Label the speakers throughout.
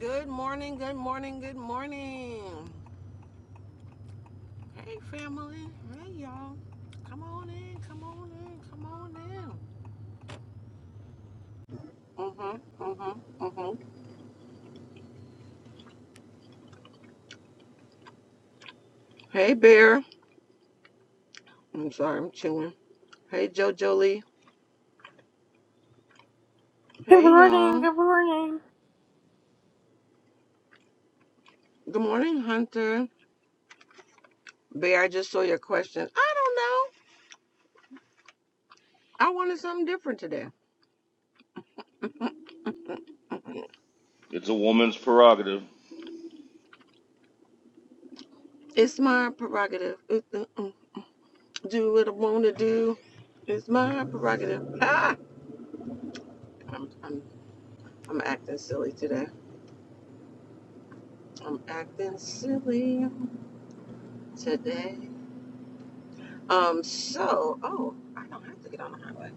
Speaker 1: Good morning, good morning, good morning. Hey, family. Hey, y'all. Come on in, come on in, come on in. Mm-hmm, mm-hmm, mm-hmm. Hey, Bear. I'm sorry, I'm chewing. Hey, JoJo Lee.
Speaker 2: Good
Speaker 1: Hey,
Speaker 2: morning.
Speaker 1: y'all.
Speaker 2: Good morning.
Speaker 1: Good morning, Hunter. Bear, I just saw your question. I don't know. I wanted something different today.
Speaker 3: It's a woman's prerogative.
Speaker 1: It's my prerogative. uh, uh, uh, Do what I want to do. It's my prerogative. Ah! I'm, I'm, I'm acting silly today. I'm acting silly today. Um, so, oh, I don't have to get on the highway.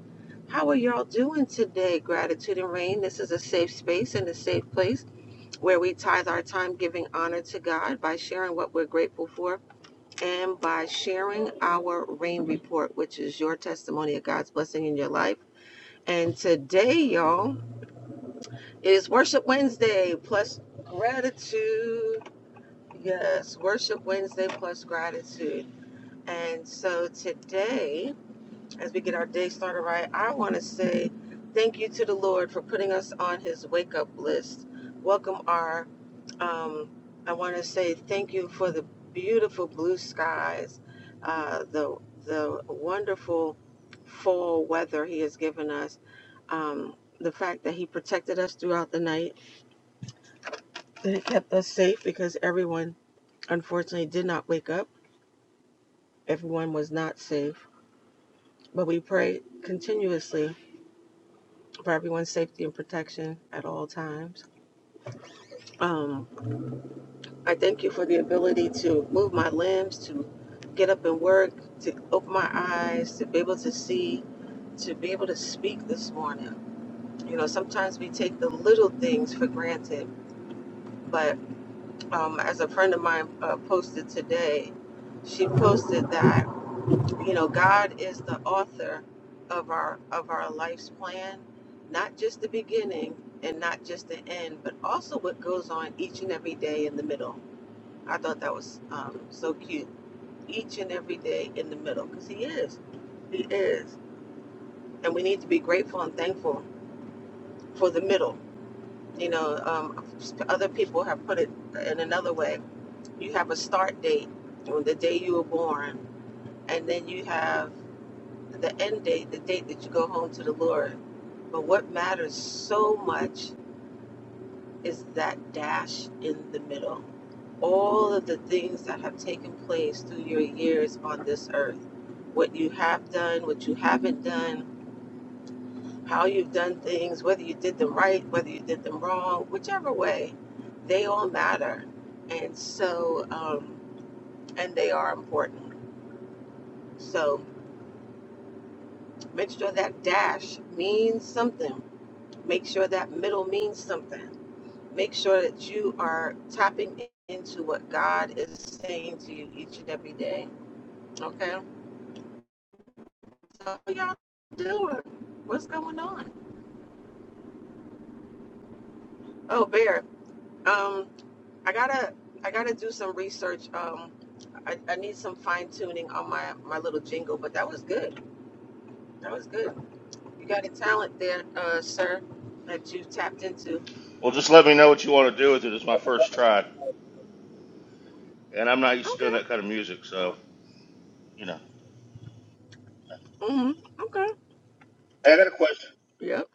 Speaker 1: How are y'all doing today, Gratitude and Rain? This is a safe space and a safe place where we tithe our time giving honor to God by sharing what we're grateful for and by sharing our rain report, which is your testimony of God's blessing in your life. And today, y'all, is Worship Wednesday plus gratitude. Yes, Worship Wednesday plus gratitude. And so today, as we get our day started right, I want to say thank you to the Lord for putting us on his wake up list. Welcome our um, I want to say thank you for the beautiful blue skies, uh, the the wonderful fall weather He has given us. Um, the fact that He protected us throughout the night, that He kept us safe because everyone unfortunately did not wake up. Everyone was not safe But we pray continuously for everyone's safety and protection at all times. Um, I thank you for the ability to move my limbs, to get up and work, to open my eyes, to be able to see, to be able to speak this morning. You know, sometimes we take the little things for granted, but um, as a friend of mine uh, posted today, she posted that. you know god is the author of our of our life's plan not just the beginning and not just the end but also what goes on each and every day in the middle i thought that was um, so cute each and every day in the middle because he is he is and we need to be grateful and thankful for the middle you know um, other people have put it in another way you have a start date on the day you were born and then you have the end date, the date that you go home to the Lord. But what matters so much is that dash in the middle. All of the things that have taken place through your years on this earth. What you have done, what you haven't done, how you've done things, whether you did them right, whether you did them wrong, whichever way, they all matter. And so, um, and they are important. So make sure that dash means something Make sure that middle means something. Make sure that you are tapping in- into what God is saying to you each and every day. Okay? So how y'all doing? What's going on? Oh, Bear. Um, I gotta I gotta do some research. Um, I, I need some fine tuning on my my little jingle, but that was good. That was good. You got a talent there, uh, sir, that you tapped into.
Speaker 3: Well, just let me know what you want to do with it. It's my first try, and I'm not used to
Speaker 1: Okay.
Speaker 3: doing that kind of music, so you know.
Speaker 1: Mm-hmm. Okay. Hey, I got a question. Yep.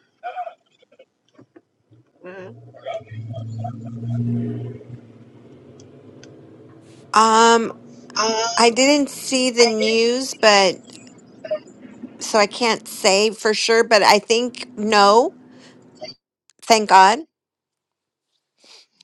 Speaker 1: hmm
Speaker 4: Um, I didn't see the news, but so I can't say for sure, but I think no, thank God.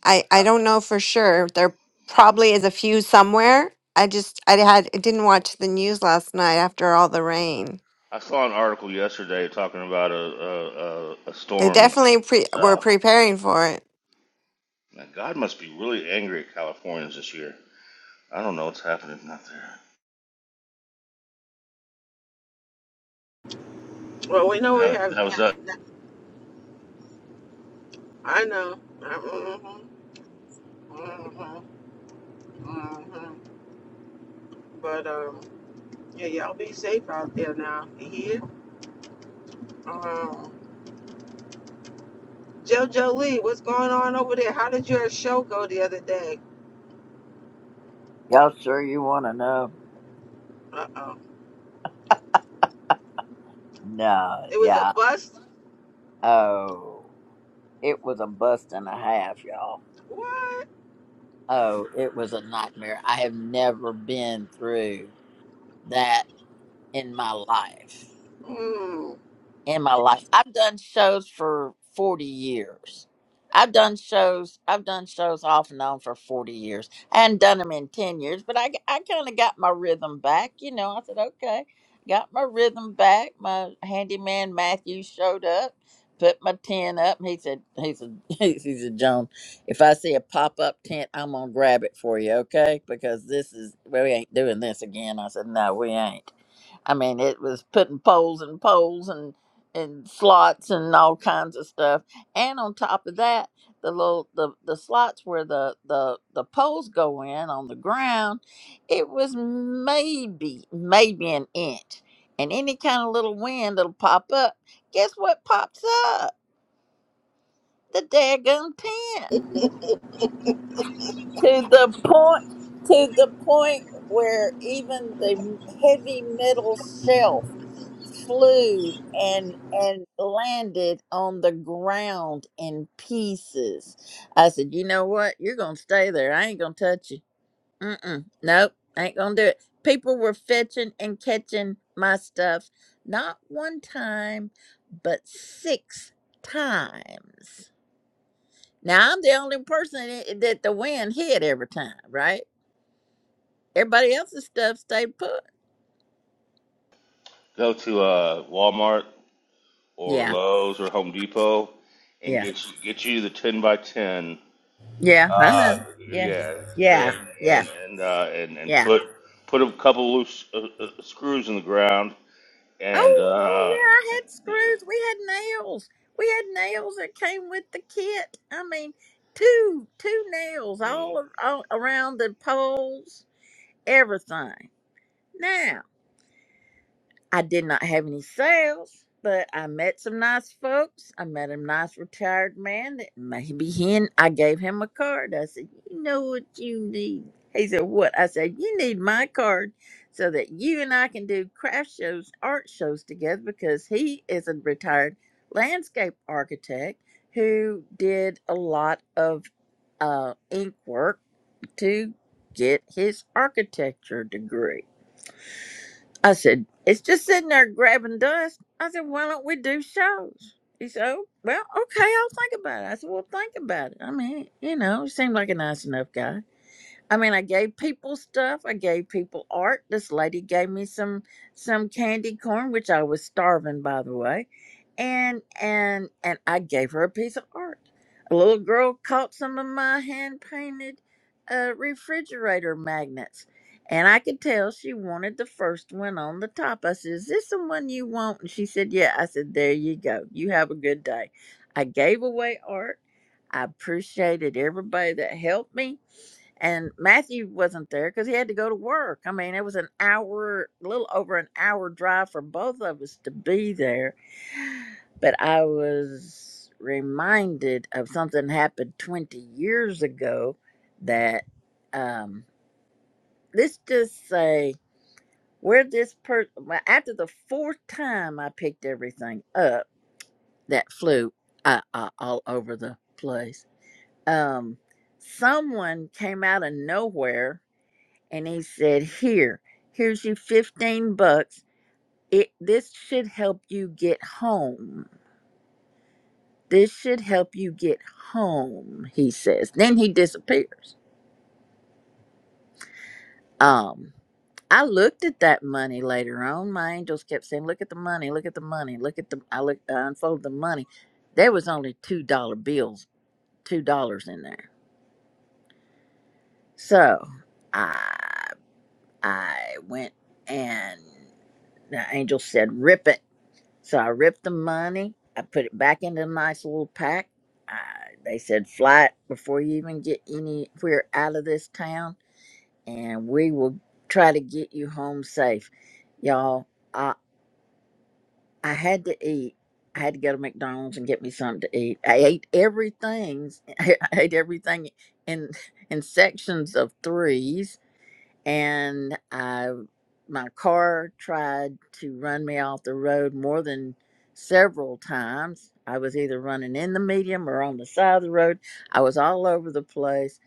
Speaker 4: I I
Speaker 3: I,
Speaker 4: don't know for sure. There probably is a few somewhere. I just I had I didn't watch the news last night after all the rain.
Speaker 3: I saw an article yesterday talking about a a, a, a
Speaker 4: They
Speaker 3: storm.
Speaker 4: definitely pre- were
Speaker 3: So
Speaker 4: preparing for it.
Speaker 3: now, God must be really angry at Californians this year. I don't know what's happening out there.
Speaker 1: Well, we know we
Speaker 3: That,
Speaker 1: have.
Speaker 3: that was that.
Speaker 1: I know. Mm-hmm, mm-hmm, mm-hmm. But um, yeah, y'all be safe out there now. You hear? Um, JoJo Lee, what's going on over there? How did your show go the other day?
Speaker 2: Y'all sure you want to know?
Speaker 1: Uh oh,
Speaker 2: No,
Speaker 1: it was a
Speaker 2: yeah.
Speaker 1: bust.
Speaker 2: Oh, it was a bust and a half, y'all.
Speaker 1: What?
Speaker 2: Oh, it was a nightmare. I have never been through that in my life.
Speaker 1: Mm.
Speaker 2: in my life. I've done shows for 40 years. I've done shows. I've done shows off and on for 40 years. I hadn't done them in 10 years, but I, I kind of got my rhythm back. You know, I said, okay, got my rhythm back. My handyman Matthew showed up, put my tent up. And he said, he said, he said, Joan, if I see a pop up tent, I'm going to grab it for you, okay? Because this is, we ain't doing this again. I said, no, we ain't. I mean, it was putting poles and poles and slots and all kinds of stuff. And on top of that, the little the, the slots where the, the the poles go in on the ground, it was maybe maybe an inch. And any kind of little wind that'll pop up, guess what pops up? The daggum tent. To the point to the point where even the heavy metal shelf flew and and landed on the ground in pieces. I said, "You know what? You're gonna stay there. I ain't gonna touch you. Mm-mm. Nope, ain't gonna do it." People were fetching and catching my stuff, not one time, but six times. Now I'm the only person i- that the wind hit every time, right? Everybody else's stuff stayed put.
Speaker 3: Go to uh, Walmart or
Speaker 2: Yeah,
Speaker 3: Lowe's or Home Depot and
Speaker 2: yeah,
Speaker 3: get you, get you the ten by ten
Speaker 2: yeah. I
Speaker 3: uh,
Speaker 2: know. Yeah,
Speaker 3: yeah,
Speaker 2: yeah,
Speaker 3: thing,
Speaker 2: yeah,
Speaker 3: and and uh, and and
Speaker 2: yeah.
Speaker 3: put put a couple loose uh, uh, screws in the ground, and
Speaker 2: Oh, oh
Speaker 3: uh,
Speaker 2: yeah, I had screws. We had nails. We had nails that came with the kit. I mean, two two nails all, all around the poles, everything. now. I did not have any sales, but I met some nice folks. I met a nice retired man that maybe he and I gave him a card. I said, You know what you need? He said, What? I said, You need my card so that you and I can do craft shows, art shows together because he is a retired landscape architect who did a lot of uh, ink work to get his architecture degree. I said, it's just sitting there grabbing dust. I said, why don't we do shows? He said, oh, well, okay, I'll think about it. I said, well, think about it. I mean, you know, he seemed like a nice enough guy. I mean, I gave people stuff. I gave people art. This lady gave me some some candy corn, which I was starving, by the way, and and and I gave her a piece of art. A little girl caught some of my hand painted uh, refrigerator magnets, and I could tell she wanted the first one on the top. I said, "Is this the one you want?" And she said, "Yeah." I said, "There you go. You have a good day." I gave away art. I appreciated everybody that helped me and Matthew wasn't there because he had to go to work. I mean, it was an hour, a little over an hour drive for both of us to be there. But I was reminded of something happened 20 years ago that, um, let's just say, where this person, after the fourth time I picked everything up that flew uh, uh, all over the place, um, someone came out of nowhere and he said, "Here, here's you 15 bucks. It this should help you get home. This should help you get home," he says. Then he disappears. Um I looked at that money later on. My angels kept saying, "Look at the money, look at the money, look at the I look I unfolded the money. There was only $2 bills, $2 in there. So, I I went and the angel said, "Rip it." So I ripped the money. I put it back into a nice little pack. I, they said, fly it before you even get anywhere out of this town, and we will try to get you home safe. Y'all, I, I had to eat. I had to go to McDonald's and get me something to eat. I ate everything. I ate everything in in sections of threes and I my car tried to run me off the road more than several times. I was either running in the medium or on the side of the road. I was all over the place.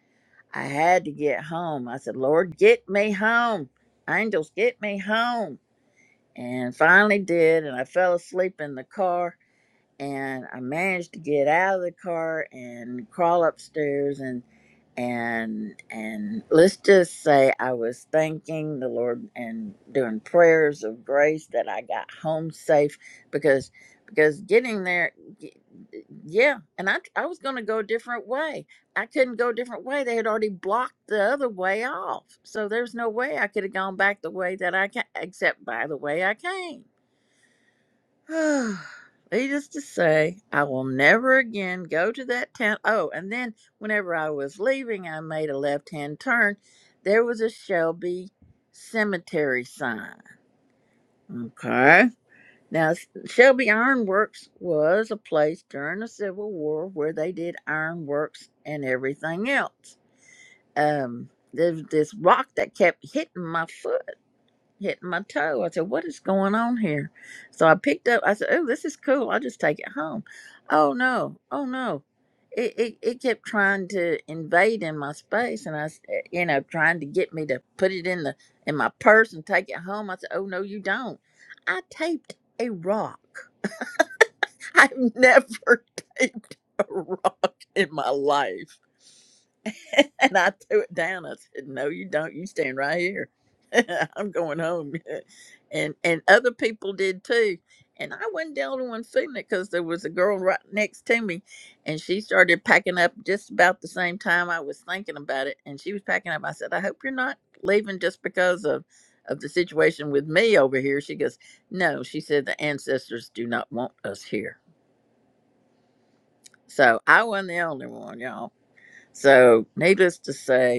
Speaker 2: I had to get home. I said, "Lord, get me home. Angels, get me home." And finally did, and I fell asleep in the car and I managed to get out of the car and crawl upstairs and and and let's just say I was thanking the Lord and doing prayers of grace that I got home safe because because getting there y- yeah and I I was going to go a different way. I couldn't go a different way. They had already blocked the other way off. So there's no way I could have gone back the way that I ca- except by the way I came Needless to say, I will never again go to that town. Oh, and then whenever I was leaving, I made a left hand turn. There was a Shelby cemetery sign. Okay. Now, S- Shelby Ironworks was a place during the Civil War where they did ironworks and everything else. Um, there's this rock that kept hitting my foot hitting my toe. I said, What is going on here? So I picked up, I said, Oh, this is cool. I'll just take it home. Oh, no. Oh, no. It, it, it kept trying to invade in my space and I, s- eh, you know, trying to get me to put it in the in my purse and take it home. I said, Oh, no, you don't. I taped a rock. I've never taped a rock in my life. and I threw it down. I said, "No, you don't. You stand right here. I'm going home." and and other people did too. And I wasn't the only one feeling it because there was a girl right next to me, and she started packing up just about the same time I was thinking about it. And she was packing up. I said, "I hope you're not leaving just because of." Of the situation with me over here, she goes, No, she said the ancestors do not want us here. So I wasn't the only one, y'all. So needless to say,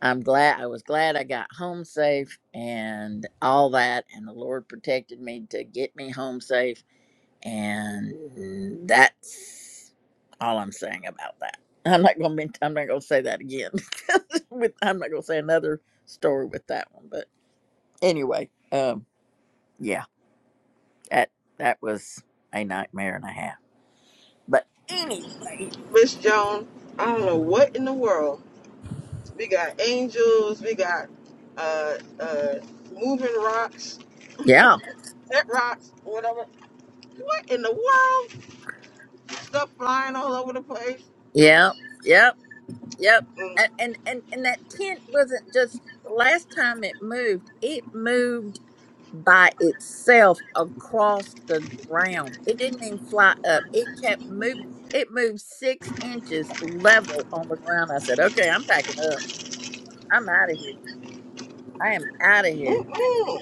Speaker 2: I'm glad I was glad I got home safe and all that and the Lord protected me to get me home safe and that's all I'm saying about that. I'm not gonna be, I'm not gonna say that again. with I'm not gonna say another story with that one. But anyway, um yeah, that that was a nightmare and a half. But anyway.
Speaker 1: Miss Joan, I don't know what in the world. We got angels. We got uh uh moving rocks,
Speaker 2: Yeah.
Speaker 1: pet rocks, whatever. What in the world? Stuff flying all over the place.
Speaker 2: Yeah. Yep. Yep.
Speaker 1: Mm.
Speaker 2: And, and and and that tent wasn't just the last time it moved, it moved by itself across the ground. It didn't even fly up. It kept moving. It moved six inches level on the ground. I said, Okay, I'm packing up. I'm out of here. I am out of here.
Speaker 1: Mm-mm.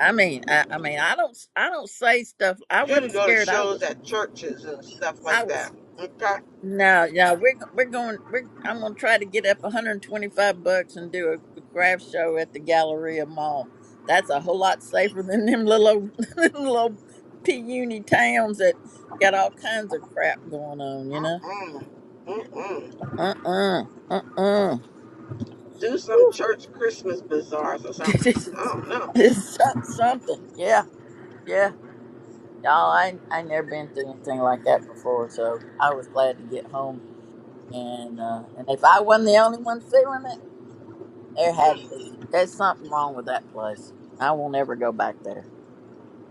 Speaker 2: I mean, I, I mean, I don't, I don't say stuff. I
Speaker 1: You can
Speaker 2: wasn't
Speaker 1: go to
Speaker 2: scared. I
Speaker 1: shows
Speaker 2: was,
Speaker 1: at churches and stuff
Speaker 2: I
Speaker 1: like
Speaker 2: was
Speaker 1: that. Okay?
Speaker 2: No, yeah, we're we're going. We're I'm gonna try to get up 125 bucks and do a, a craft show at the Galleria Mall. That's a whole lot safer than them little old- them little puny towns that got all kinds of crap going on. You know.
Speaker 1: Mm-mm. Mm-mm.
Speaker 2: Uh uh-uh, uh uh
Speaker 1: Do some church Christmas bazaars or something. I
Speaker 2: it's
Speaker 1: don't know.
Speaker 2: so- something. Yeah, yeah. Y'all, I I never been through anything like that before, so I was glad to get home. And uh, and if I wasn't the only one feeling it. There had to
Speaker 1: Mm-mm.
Speaker 2: be. There's something wrong with that place. I won't ever go back there.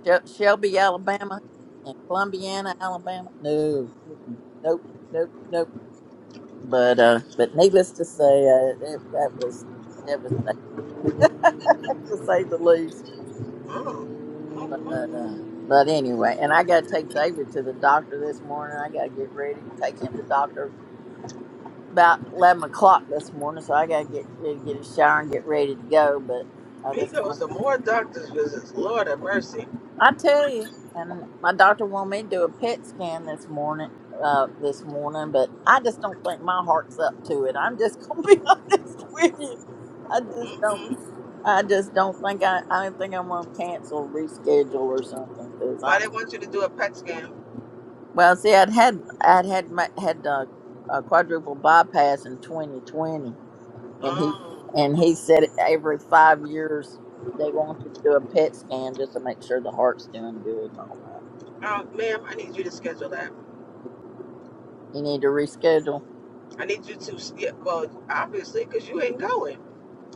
Speaker 2: Shel- Shelby, Alabama, and Columbiana, Alabama. No, mm-mm. nope, nope, nope. But uh, but needless to say, uh, that, that was devastating to say the least. But uh,
Speaker 1: Mm-mm.
Speaker 2: but anyway, and I got to take David to the doctor this morning. I got to get ready and take him to the doctor about eleven o'clock this morning. So I got to get ready, get a shower and get ready to go. But I
Speaker 1: He
Speaker 2: just wanted
Speaker 1: goes to more doctor's visits. Lord have mercy.
Speaker 2: I tell you, and my doctor wanted me to do a PET scan this morning. Uh, this morning, but I just don't think my heart's up to it. I'm just gonna be honest with you. I just don't.
Speaker 1: Mm-mm.
Speaker 2: I just don't think I. I don't think I'm gonna cancel, reschedule, or something. Cause I.
Speaker 1: Why they want you to do a PET scan?
Speaker 2: Well, see, I'd had I'd had my, had a, a quadruple bypass in 2020, and he
Speaker 1: Oh.
Speaker 2: and he said every five years they want you to do a PET scan just to make sure the heart's doing good and all
Speaker 1: Uh, ma'am, I need you to schedule that.
Speaker 2: You need to reschedule.
Speaker 1: I need you to, yeah, well, obviously, because you ain't going.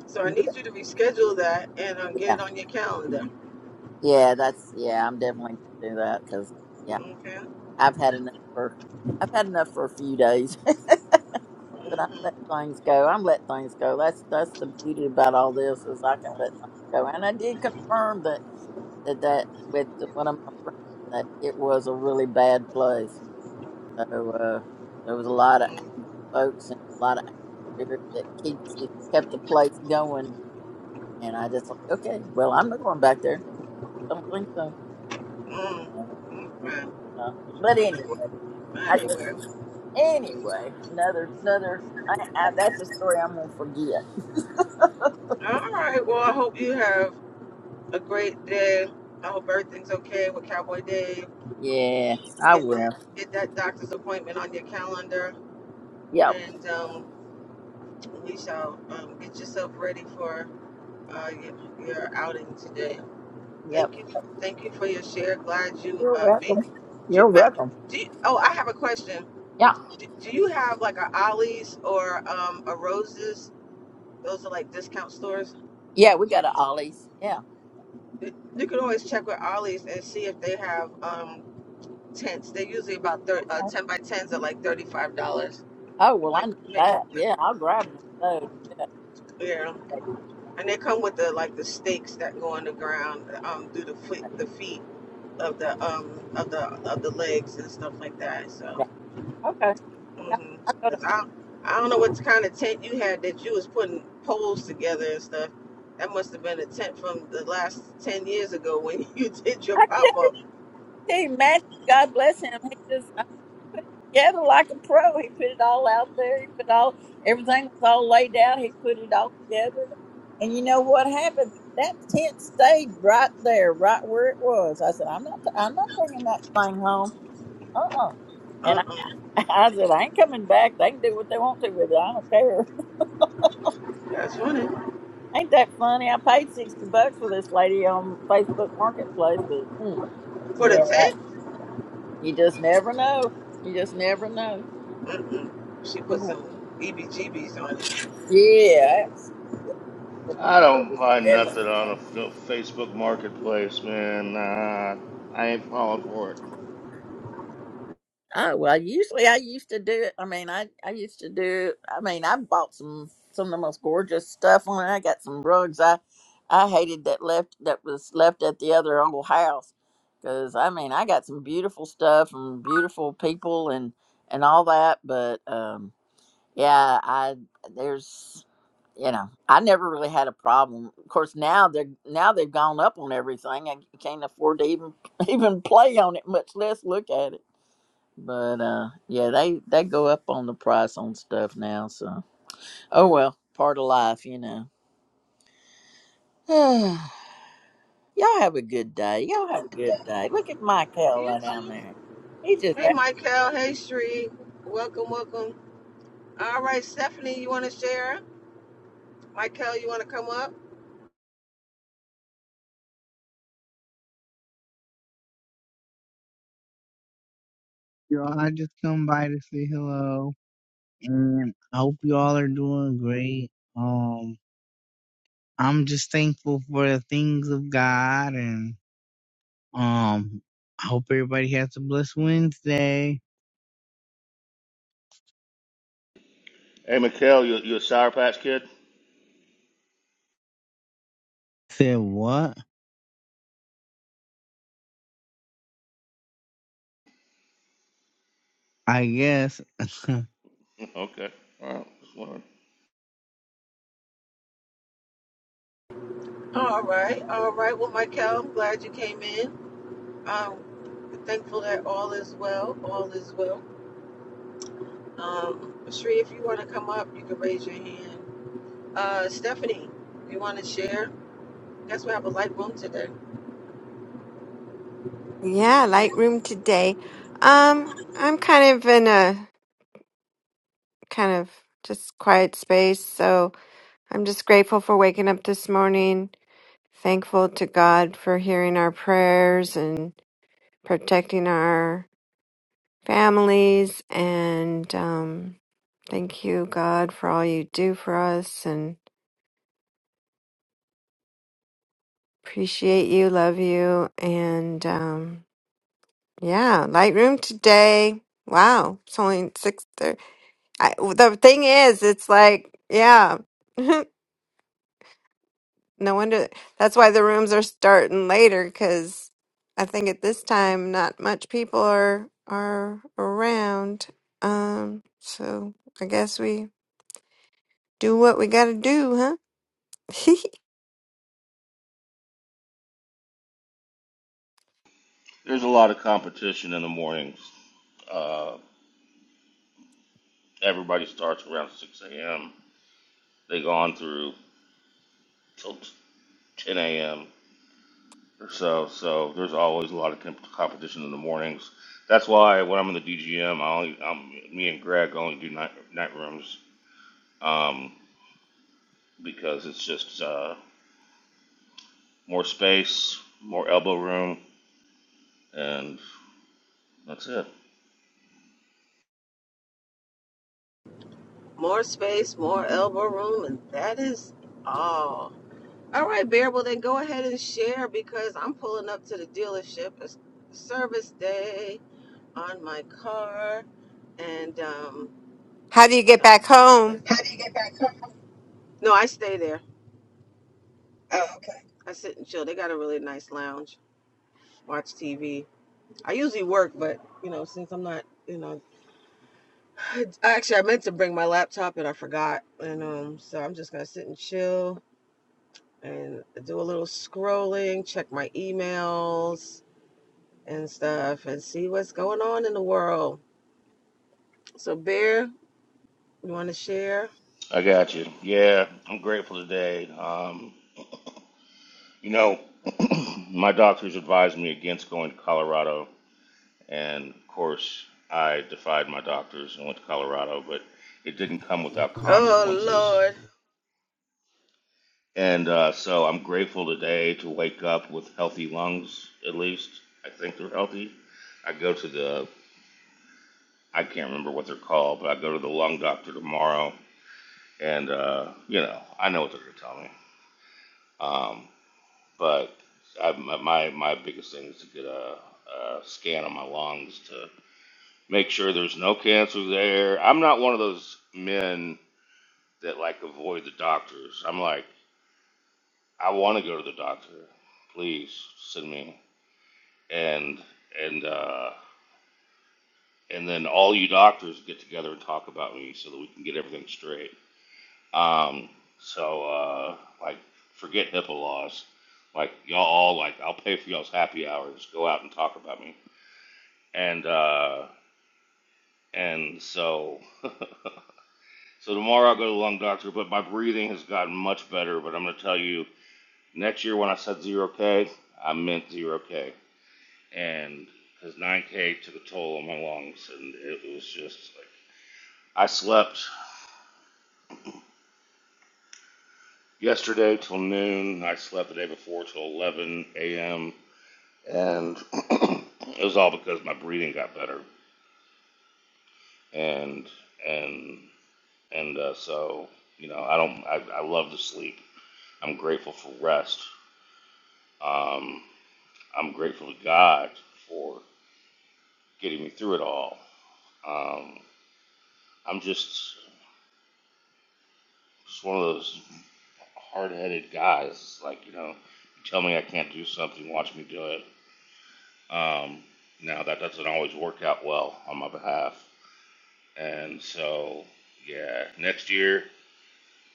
Speaker 1: So I need you to reschedule that and uh, get
Speaker 2: Yeah,
Speaker 1: it on your calendar.
Speaker 2: yeah, that's yeah. I'm definitely gonna do that because yeah,
Speaker 1: Okay?
Speaker 2: I've had enough for I've had enough for a few days, but I
Speaker 1: Mm-hmm.
Speaker 2: let things go. I'm let things go. That's that's the beauty about all this is I can let things go. And I did confirm that that, that with one of my friends that it was a really bad place. So uh, there was a lot of
Speaker 1: mm-hmm.
Speaker 2: angry folks and a lot of angry spirit that keeps it kept the place going. And I just like okay, well I'm not going back there. Don't think so.
Speaker 1: Mm, okay.
Speaker 2: Uh, but anyway, I just
Speaker 1: Anyway,
Speaker 2: anyway another another. I, I, that's a story I'm gonna forget.
Speaker 1: all right. Well, I hope you have a great day. I hope everything's okay with Cowboy Dave.
Speaker 2: Yeah, I
Speaker 1: Get
Speaker 2: will.
Speaker 1: that get that doctor's appointment on your calendar,
Speaker 2: Yep,
Speaker 1: and um, we shall um, get yourself ready for uh, your, your outing today.
Speaker 2: yep.
Speaker 1: Thank you, thank you for your share. Glad you
Speaker 2: You're
Speaker 1: uh, me.
Speaker 2: welcome.
Speaker 1: Do,
Speaker 2: You're welcome.
Speaker 1: do you, oh, I have a question.
Speaker 2: Yeah,
Speaker 1: Do, do you have like a Ollie's or um, a Roses? Those are like discount stores.
Speaker 2: yeah. We got a Ollie's. Yeah.
Speaker 1: You can always check with Ollie's and see if they have um tents. They're usually about thir uh, ten by tens are like thirty five dollars.
Speaker 2: Oh well, I
Speaker 1: Like,
Speaker 2: know
Speaker 1: ma-
Speaker 2: that. Yeah,
Speaker 1: ma-
Speaker 2: I'll grab one of those.
Speaker 1: yeah, and they come with the like the stakes that go on the ground um through the foot the feet of the um of the of the legs and stuff like that. So,
Speaker 2: Okay. I,
Speaker 1: mm
Speaker 2: I go to.
Speaker 1: cause I I don't know what kind of tent you had that you was putting poles together and stuff. That must have been a tent from the last ten years ago when you did your
Speaker 2: I can
Speaker 1: pop up.
Speaker 2: see Matthew. God bless him. He just. together like a pro. He put it all out there. He put all everything was all laid out. He put it all together. And you know what happened? That tent stayed right there, right where it was. I said, I'm not, I'm not bringing that thing home. Uh uh
Speaker 1: Uh
Speaker 2: And I,
Speaker 1: uh
Speaker 2: I said, I ain't coming back. They can do what they want to with it. I don't care.
Speaker 1: that's funny.
Speaker 2: Ain't that funny? I paid sixty bucks for this lady on Facebook Marketplace, but hmm,
Speaker 1: For the
Speaker 2: yeah,
Speaker 1: tank?
Speaker 2: you just never know. You just never know.
Speaker 1: Mm-mm. She put
Speaker 2: Mhm.
Speaker 1: some EBGBs on it.
Speaker 2: Yeah, It
Speaker 3: I don't buy nothing on a f- Facebook Marketplace, man. Nah, I ain't falling for it.
Speaker 2: Oh well, usually I used to do it. I mean, I I used to do. I mean, I bought some some of the most gorgeous stuff on it. I got some rugs. I I hated that left that was left at the other old house because I mean I got some beautiful stuff from beautiful people and and all that. But um Yeah, I there's you know, I never really had a problem. Of course, now they're now they've gone up on everything. I can't afford to even even play on it, much less look at it. But uh yeah, they they go up on the price on stuff now, so oh well, part of life, you know. Y'all have a good day. Y'all have a good day. Look at Mike Hell
Speaker 1: You
Speaker 2: down
Speaker 1: too.
Speaker 2: there. He just
Speaker 1: Hey, Michael. Hey, Shree. Welcome, welcome. All right, Stephanie, you want to share? Michael, you want to come up?
Speaker 5: Y'all, I just come by to say hello, and I hope y'all are doing great. Um, I'm just thankful for the things of God, and um, I hope everybody has a blessed Wednesday.
Speaker 3: Hey, Mikhail, you you a Sour Patch Kid?
Speaker 5: Said what? I guess.
Speaker 3: okay, all right. Just wondering.
Speaker 1: All right, all right. Well, Michael, I'm glad you came in. Um, thankful that all is well. All is well. Um, Shree, if you want to come up, you can raise your hand. Uh, Stephanie, you want to share? Guess we have a light room today.
Speaker 4: Yeah, Lightroom today. Um, I'm kind of in a kind of just quiet space, so I'm just grateful for waking up this morning Thankful to God for hearing our prayers and protecting our families. And um, thank you, God, for all you do for us and appreciate you, love you. And um, yeah, Lightroom today. Wow, it's only six thirty. I, The thing is, it's like, yeah. No wonder that's why the rooms are starting later because I think at this time not much people are are around. Um, so I guess we do what we gotta do, huh?
Speaker 3: There's a lot of competition in the mornings. Uh, everybody starts around 6 a.m. They go on through till 10 a.m. So so there's always a lot of comp- competition in the mornings. That's why when I'm in the DGM, I only um me and Greg only do night night rooms um because it's just uh, more space, more elbow room, and that's it.
Speaker 1: More space, more elbow room, and that is all. All right, Bearable, then go ahead and share because I'm pulling up to the dealership. It's service day on my car, and um,
Speaker 4: How do you
Speaker 1: you
Speaker 4: get
Speaker 1: know,
Speaker 4: back
Speaker 1: there's-
Speaker 4: home?
Speaker 1: How do you get back? no, I stay there. Oh, okay. I sit and chill. They got a really nice lounge, watch TV. I usually work, but you know, since I'm not, you know, actually I meant to bring my laptop and I forgot, and um, so I'm just gonna sit and chill and do a little scrolling, check my emails, and stuff and see what's going on in the world. So, Bear, you want to share?
Speaker 3: I got you. Yeah, I'm grateful today. Um, you know, my doctors advised me against going to Colorado, and of course, I defied my doctors and went to Colorado, but it didn't come without
Speaker 1: Oh,
Speaker 3: consequences
Speaker 1: Lord.
Speaker 3: And uh, so I'm grateful today to wake up with healthy lungs, at least. I think they're healthy. I go to the, I can't remember what they're called, but I go to the lung doctor tomorrow. And, uh, you know, I know what they're going to tell me. Um, but I, my, my my biggest thing is to get a, a scan of my lungs to make sure there's no cancer there. I'm not one of those men that like avoid the doctors. I'm like, I want to go to the doctor. Please send me. and and uh, and then all you doctors get together and talk about me so that we can get everything straight. Um, so uh, like, forget HIPAA laws. Like y'all all like, I'll pay for y'all's happy hours. Go out and talk about me. And uh, and so so tomorrow I'll go to the lung doctor. But my breathing has gotten much better. But I'm gonna tell you, next year when I said zero K, I meant zero K. And because 9K took a toll on my lungs, and it was just like I slept yesterday till noon. I slept the day before till 11 a.m. And it was all because my breathing got better. And and and uh, so you know, I don't. I, I love to sleep. I'm grateful for rest. Um, I'm grateful to God for getting me through it all. Um, I'm just just one of those hard-headed guys. Like you know, you tell me I can't do something, watch me do it. Um, now that doesn't always work out well on my behalf, and so yeah, next year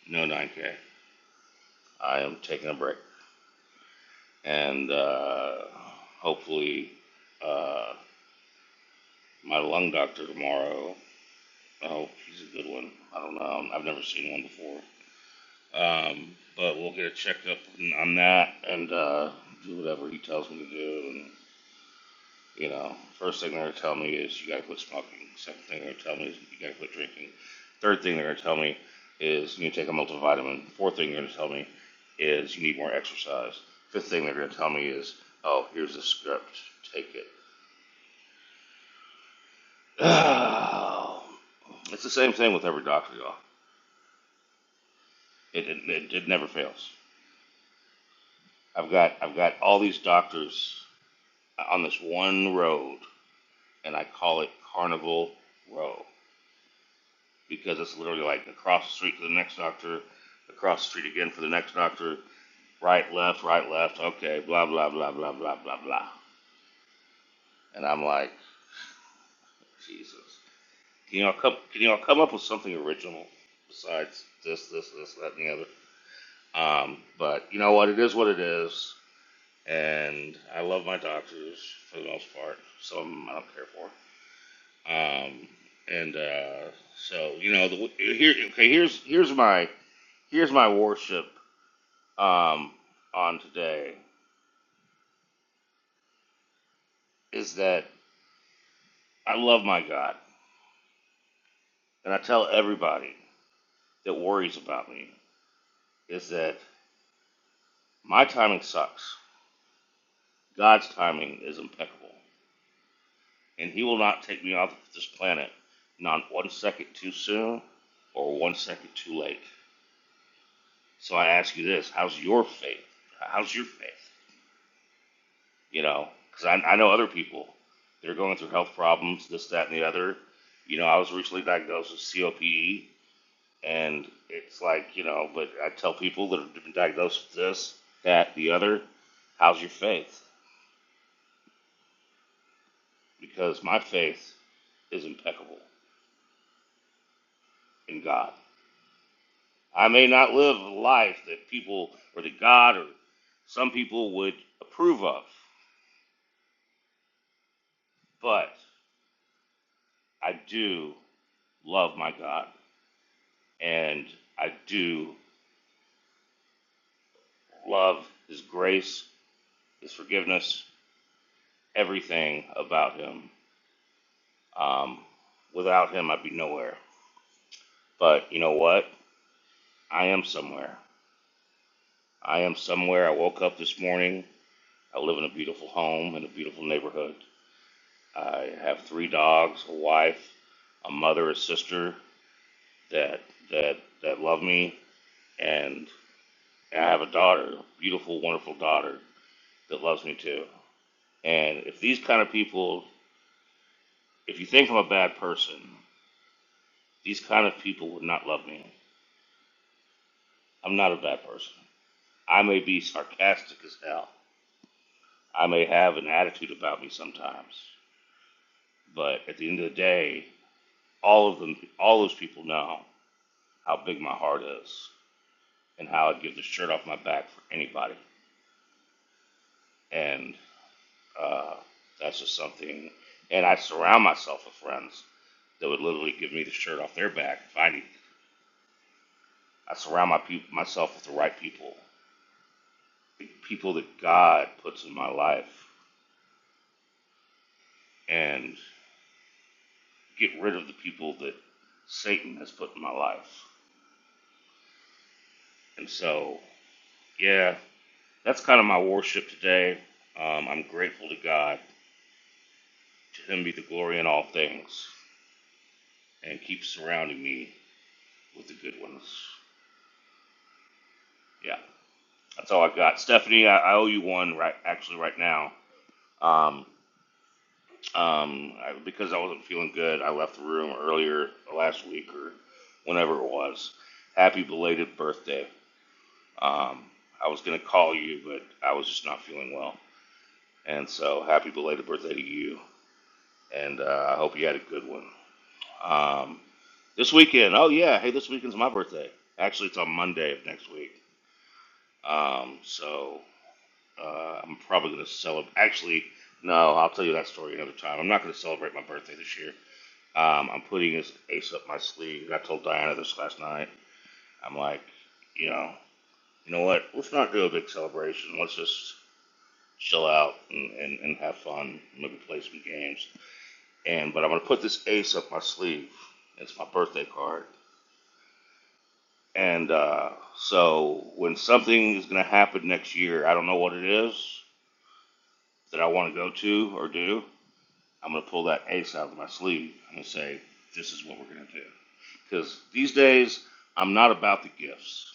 Speaker 3: no 9K. I am taking a break, and uh, hopefully uh, my lung doctor tomorrow. Oh, he's a good one. I don't know. I've never seen one before. Um, but we'll get a checkup on that and uh, do whatever he tells me to do. and You know, first thing they're gonna tell me is you gotta quit smoking. Second thing they're gonna tell me is you gotta quit drinking. Third thing they're gonna tell me is you need to take a multivitamin. Fourth thing they're gonna tell me is you need more exercise. Fifth thing they're gonna tell me is, oh, here's the script, take it. Oh. it's the same thing with every doctor, y'all. It, it, it, it never fails. I've got I've got all these doctors on this one road, and I call it Carnival Road. because it's literally like across the street to the next doctor, across the street again for the next doctor, right, left, right, left, okay, blah, blah, blah, blah, blah, blah, blah. And I'm like, Jesus. Can y'all come, can y'all come up with something original besides this, this, this, that, and the other? Um, but you know what? It is what it is. And I love my doctors for the most part. Some of them I don't care for. Um, and uh, so you know, the, here okay, here's here's my here's my worship um, on today is that I love my God, and I tell everybody that worries about me is that my timing sucks. God's timing is impeccable, and He will not take me off this planet not one second too soon or one second too late. So I ask you this: How's your faith? How's your faith? You know, because I, I know other people that are going through health problems, this, that, and the other. You know, I was recently diagnosed with COPD And it's like, you know, but I tell people that have been diagnosed with this, that, the other, how's your faith? Because my faith is impeccable in God. I may not live a life that people or that God or some people would approve of, but I do love my God and I do love His grace, His forgiveness, everything about Him. Um, without Him, I'd be nowhere. But you know what? I am somewhere. I am somewhere. I woke up this morning. I live in a beautiful home in a beautiful neighborhood. I have three dogs, a wife, a mother, a sister that that that love me, and I have a daughter, a beautiful, wonderful daughter that loves me too. And if these kind of people, if you think I'm a bad person, these kind of people would not love me. I'm not a bad person. I may be sarcastic as hell. I may have an attitude about me sometimes. But at the end of the day, all of them, all those people know how big my heart is and how I'd give the shirt off my back for anybody. And uh, that's just something. And I surround myself with friends that would literally give me the shirt off their back if I need. I surround my peop myself with the right people, the people that God puts in my life, and get rid of the people that Satan has put in my life. And so, yeah, That's kind of my worship today. Um, I'm grateful to God. To Him be the glory in all things, and keep surrounding me with the good ones. Yeah, that's all I got. Stephanie, I, I owe you one right actually right now. Um, um, I, because I wasn't feeling good, I left the room earlier last week or whenever it was. Happy belated birthday. Um, I was gonna call you, but I was just not feeling well, and so happy belated birthday to you. And uh, I hope you had a good one. Um, this weekend, oh yeah, hey, this weekend's my birthday. Actually, it's on Monday of next week. Um, so uh, I'm probably gonna celebrate. Actually, no, I'll tell you that story another time. I'm not gonna celebrate my birthday this year. Um, I'm putting this ace up my sleeve. I told Diana this last night. I'm like, you know, you know what? Let's not do a big celebration. Let's just chill out and, and, and have fun. Maybe play some games. And but I'm gonna put this ace up my sleeve. It's my birthday card And uh, so when something is going to happen next year, I don't know what it is that I want to go to or do. I'm going to pull that ace out of my sleeve and say, this is what we're going to do. Because these days, I'm not about the gifts.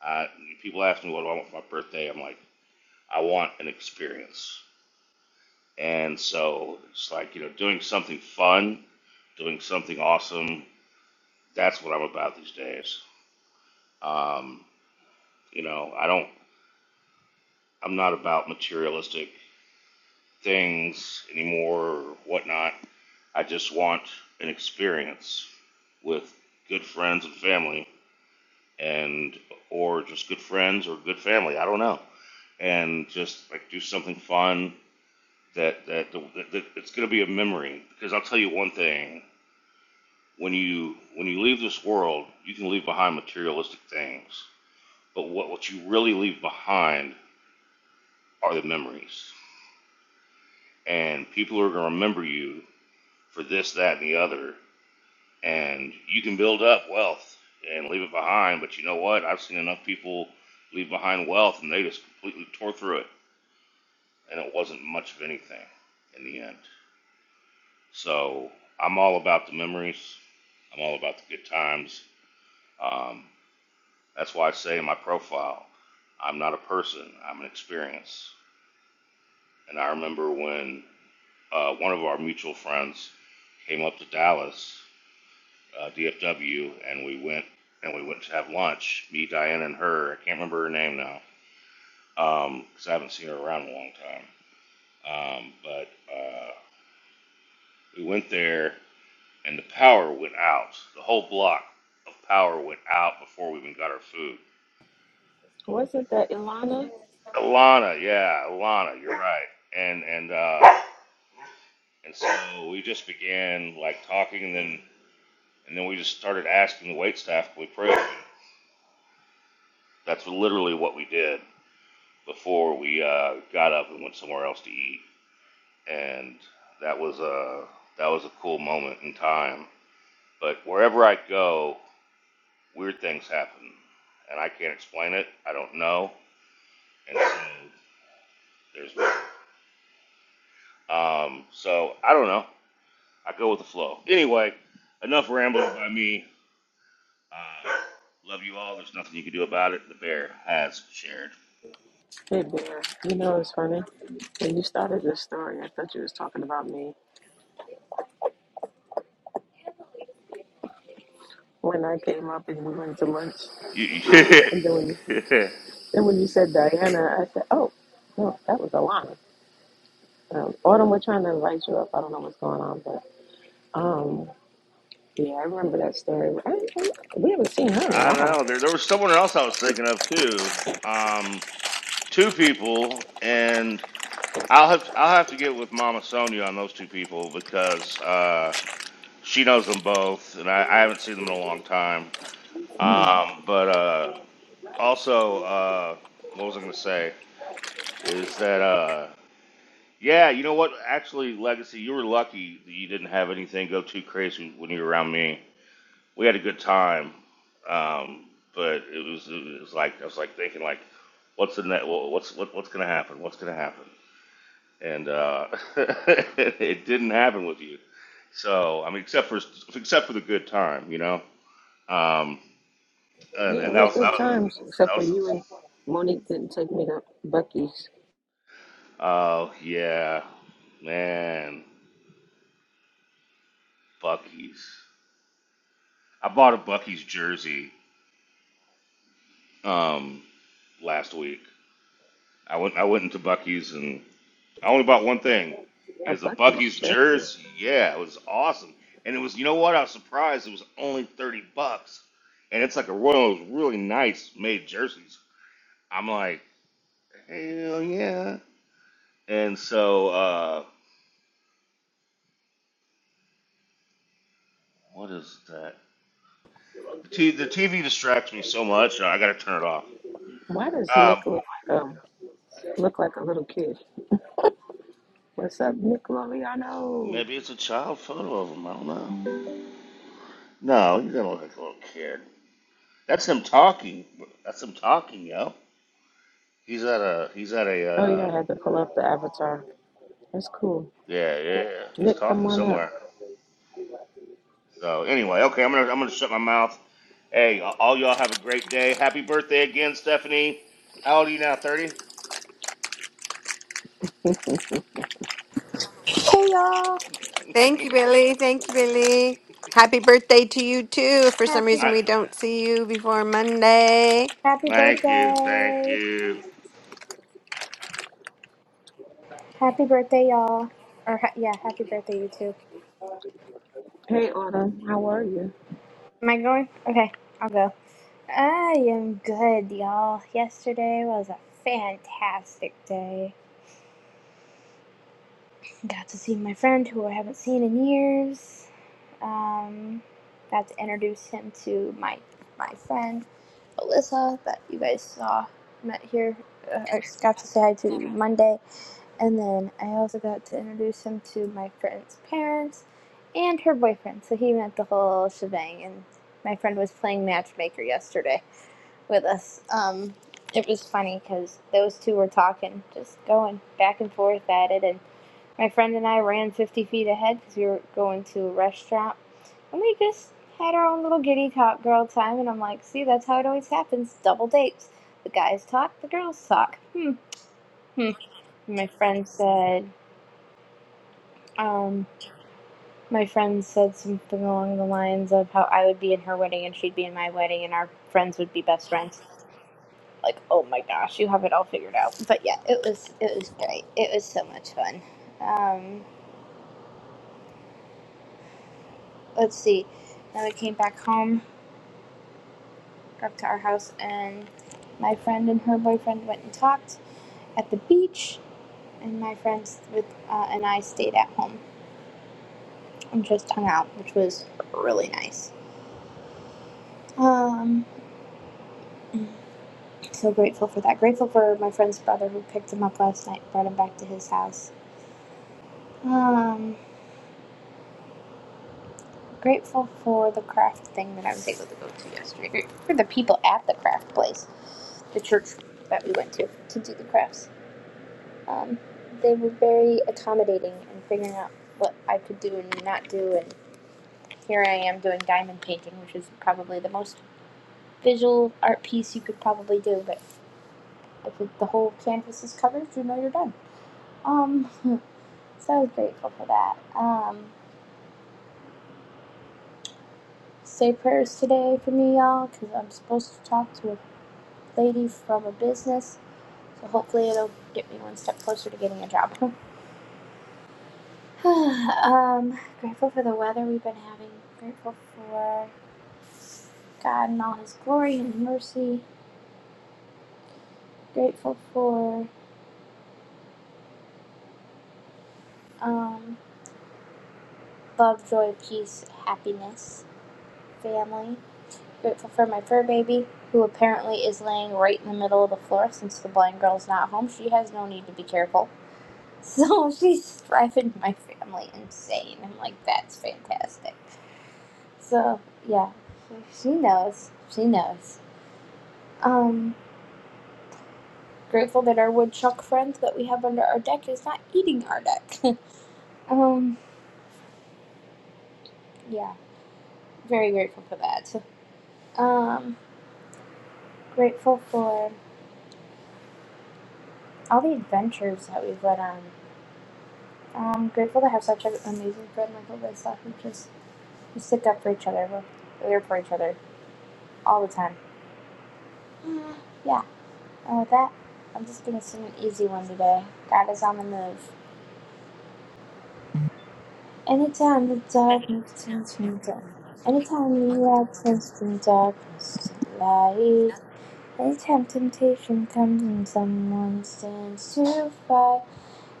Speaker 3: I, people ask me what do I want for my birthday. I'm like, I want an experience. And so it's like, you know, doing something fun, doing something awesome. That's what I'm about these days. Um, you know, I don't, I'm not about materialistic things anymore or whatnot. I just want an experience with good friends and family and or just good friends or good family. I don't know. And just like do something fun that that, that, that it's going to be a memory because I'll tell you one thing. When you when you leave this world, you can leave behind materialistic things. But what, what you really leave behind are the memories. And people are going to remember you for this, that, and the other and you can build up wealth and leave it behind. But you know what? I've seen enough people leave behind wealth, and they just completely tore through it, and it wasn't much of anything in the end. So I'm all about the memories. I'm all about the good times. Um, that's why I say in my profile, I'm not a person. I'm an experience. And I remember when uh, one of our mutual friends came up to Dallas uh, DFW, and we went and we went to have lunch. Me, Diane, and her. I can't remember her name now because um, I haven't seen her around in a long time. Um, but uh, we went there, and the power went out. The whole block of power went out before we even got our food.
Speaker 1: Wasn't that Ilana?
Speaker 3: Alana, yeah, Alana, you're right. And and uh, and so we just began like talking, and then and then we just started asking the waitstaff. staff, we prayed. That's literally what we did. before we uh, got up and went somewhere else to eat, and that was a that was a cool moment in time. But wherever I go, weird things happen, and I can't explain it. I don't know, and so there's um. So I don't know. I go with the flow. Anyway, enough rambling by me. Uh, love you all. There's nothing you can do about it. The bear has shared.
Speaker 1: Hey, Bear. You know, it's funny. When you started this story, I thought you was talking about me. When I came up and we went to lunch,
Speaker 3: You- you-
Speaker 1: and then when you, then when you said Diana, I said, oh, no, that was Ilana. Um, Autumn, we're trying to invite you up. I don't know what's going on, but um, yeah, I remember that story. I, I, we haven't seen her in a
Speaker 3: I
Speaker 1: while.
Speaker 3: know. There, there was someone else I was thinking of too. Um, two people, and I'll have to, I'll have to get with Mama Sonia on those two people because uh, she knows them both, and I, I haven't seen them in a long time.
Speaker 1: Hmm.
Speaker 3: Um, but uh, also, uh, what was I going to say? Is that uh, yeah, you know what? Actually, Legacy, you were lucky that you didn't have anything go too crazy when you were around me. We had a good time, um, but it was it was like I was like thinking like, what's in that? What's what, what's going to happen? What's going to happen? and uh, it didn't happen with you. So I mean, except for except for the good time, you know. Um, and,
Speaker 1: Yeah, it
Speaker 3: and that
Speaker 1: was
Speaker 3: was that
Speaker 1: good
Speaker 3: was
Speaker 1: times, except
Speaker 3: that
Speaker 1: for
Speaker 3: was.
Speaker 1: you and Monique didn't take me to Bucky's,
Speaker 3: Oh yeah, man, Bucky's. I bought a Bucky's jersey um, last week. I went I went into Bucky's and I only bought one thing. It
Speaker 1: a
Speaker 3: was a
Speaker 1: Bucky's
Speaker 3: Bucky's
Speaker 1: jersey.
Speaker 3: jersey. Yeah, it was awesome. And it was, you know what? I was surprised. It was only thirty bucks, and it's like a one of those really nice made jerseys. I'm like, hell yeah! And so, uh, what is that? The, t- the TV distracts me so much. I gotta turn it off.
Speaker 1: Why does
Speaker 3: Um,
Speaker 1: Nick look, um, look like a little kid? What's up, Nick Loriano?
Speaker 3: maybe it's a child photo of him. I don't know. No, he doesn't look like a little kid. That's him talking. That's him talking, yo. He's at a he's at a
Speaker 1: Oh,
Speaker 3: uh,
Speaker 1: yeah, I had to pull up the avatar. That's cool.
Speaker 3: Yeah, yeah, yeah. He's
Speaker 1: Nick, come
Speaker 3: talking
Speaker 1: on up.
Speaker 3: somewhere. So anyway, okay, I'm gonna I'm gonna shut my mouth. Hey, all y'all have a great day. Happy birthday again, Stephanie. How old are you now? Thirty.
Speaker 6: Hey y'all!
Speaker 4: Thank you, Billy. Thank you, Billy. Happy birthday to you too. If for some
Speaker 6: Happy
Speaker 4: reason
Speaker 3: Ni-
Speaker 4: we don't see you before Monday.
Speaker 6: happy
Speaker 3: Thank you, thank
Speaker 6: birthday!
Speaker 3: you.
Speaker 6: Happy birthday, y'all! Or ha- yeah, happy birthday you too.
Speaker 1: Hey, Autumn, how are you?
Speaker 6: Am I going? Okay, I'll go. I am good, y'all. Yesterday was a fantastic day. Got to see my friend who I haven't seen in years. Um, got to introduce him to my my friend Alyssa that you guys saw met here. Uh, I got to say hi to Monday And then I also got to introduce him to my friend's parents and her boyfriend. So he met the whole shebang. And my friend was playing matchmaker yesterday with us. Um, it was funny because those two were talking, just going back and forth at it. And my friend and I ran 50 feet ahead because we were going to a restaurant. And we just had our own little giddy talk girl time. And I'm like, see, that's how it always happens double dates. The guys talk, the girls talk. Hmm, hmm. my friend said, um, my friend said something along the lines of how I would be in her wedding and she'd be in my wedding and our friends would be best friends. Like, oh my gosh, you have it all figured out. But yeah, it was it was great. It was so much fun. Um, let's see. Then we came back home, back to our house, and my friend and her boyfriend went and talked at the beach, and my friends with uh, and I stayed at home and just hung out, which was really nice. Um, So grateful for that. Grateful for my friend's brother who picked him up last night and brought him back to his house. Um, grateful for the craft thing that I was able to go to yesterday. Grateful for the people at the craft place, the church that we went to to do the crafts. Um, they were very accommodating in figuring out what I could do and not do. And here I am doing diamond painting, which is probably the most visual art piece you could probably do. But if it, the whole canvas is covered, you know you're done. Um, So I was grateful for that. Um, say prayers today for me, y'all, because I'm supposed to talk to a lady from a business. So hopefully it'll get me one step closer to getting a job. um, grateful for the weather we've been having. Grateful for God and all His glory and His mercy. Grateful for um, love, joy, peace, happiness, family. Grateful for my fur baby, who apparently is laying right in the middle of the floor since the blind girl's not home. She has no need to be careful. So she's driving my family insane. I'm like, that's fantastic. So yeah, she knows. She knows. Um, grateful that our woodchuck friend that we have under our deck is not eating our deck. um, yeah, very grateful for that. Um, grateful for all the adventures that we've led on. Um, grateful to have such an amazing friend like Alyssa who just we stick up for each other. We're there for each other all the time. Yeah Oh, that. I'm just gonna sing an easy one today. God is on the move. Anytime the darkness turns from dark. Anytime the light turns from darkness to light. Anytime temptation comes and someone stands to fight.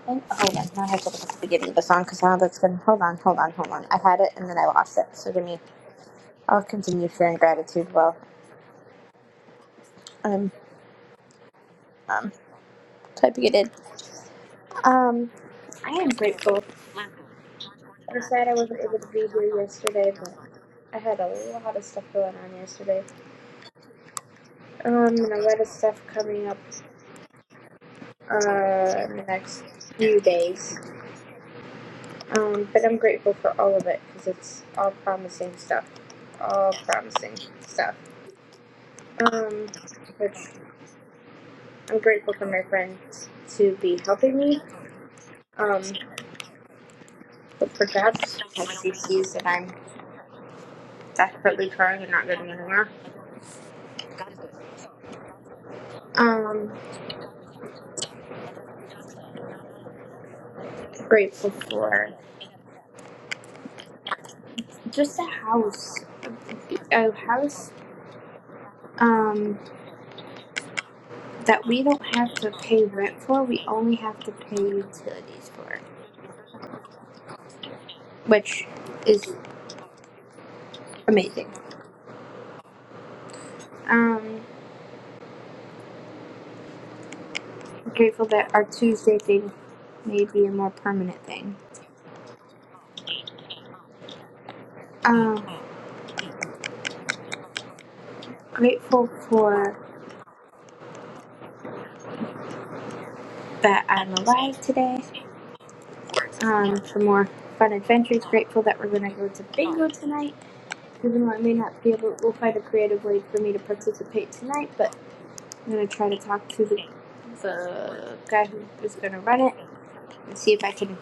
Speaker 6: And oh, hold on, now I have to look at the beginning of the song because now that's been. Hold on, hold on, hold on. I had it and then I lost it. So give me. I'll continue sharing gratitude while I'm um, typing it in. Um, I am grateful. I'm sad I wasn't able to be here yesterday, but. I had a lot of stuff going on yesterday. Um, and a lot of stuff coming up uh, in the next few days. Um, but I'm grateful for all of it because it's all promising stuff. All promising stuff. Um, which I'm grateful for my friends to be helping me. Um, but for God's because he sees that I'm desperately trying and not getting anywhere. Um, grateful for just a house, a house. Um, that we don't have to pay rent for. We only have to pay utilities for, which is amazing. Um, grateful that our Tuesday thing may be a more permanent thing. Um, grateful for that I'm alive today. Um, for more fun adventures. Grateful that we're gonna go to bingo tonight. Even though I may not be able, we'll find a creative way for me to participate tonight. But I'm gonna try to talk to the the guy who is gonna run it and see if I can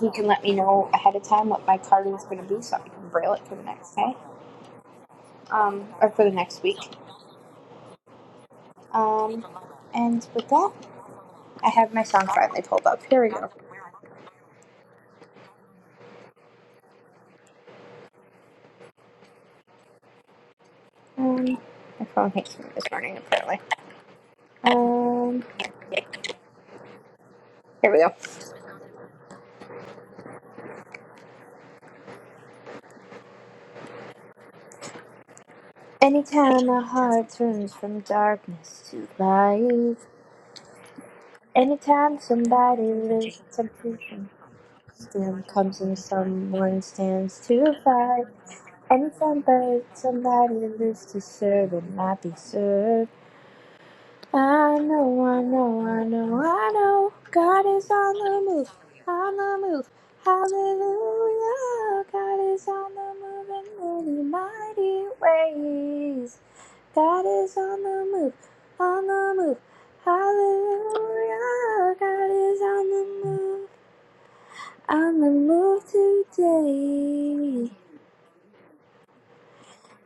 Speaker 6: he can let me know ahead of time what my card is going to be so I can braille it for the next day um, or for the next week. Um, and with that, I have my song finally pulled up. Here we go. Um, my phone hates me this morning, apparently. Um, here we go. Anytime my heart turns from darkness to light, anytime somebody lives temptation. Stand comes in someone stands to the side. And somebody, somebody lives to serve and not be served. I know, I know, I know, I know. God is on the move, on the move. Hallelujah. God is on the move in many mighty ways. God is on the move, on the move. Hallelujah. God is on the move. I'm a move today.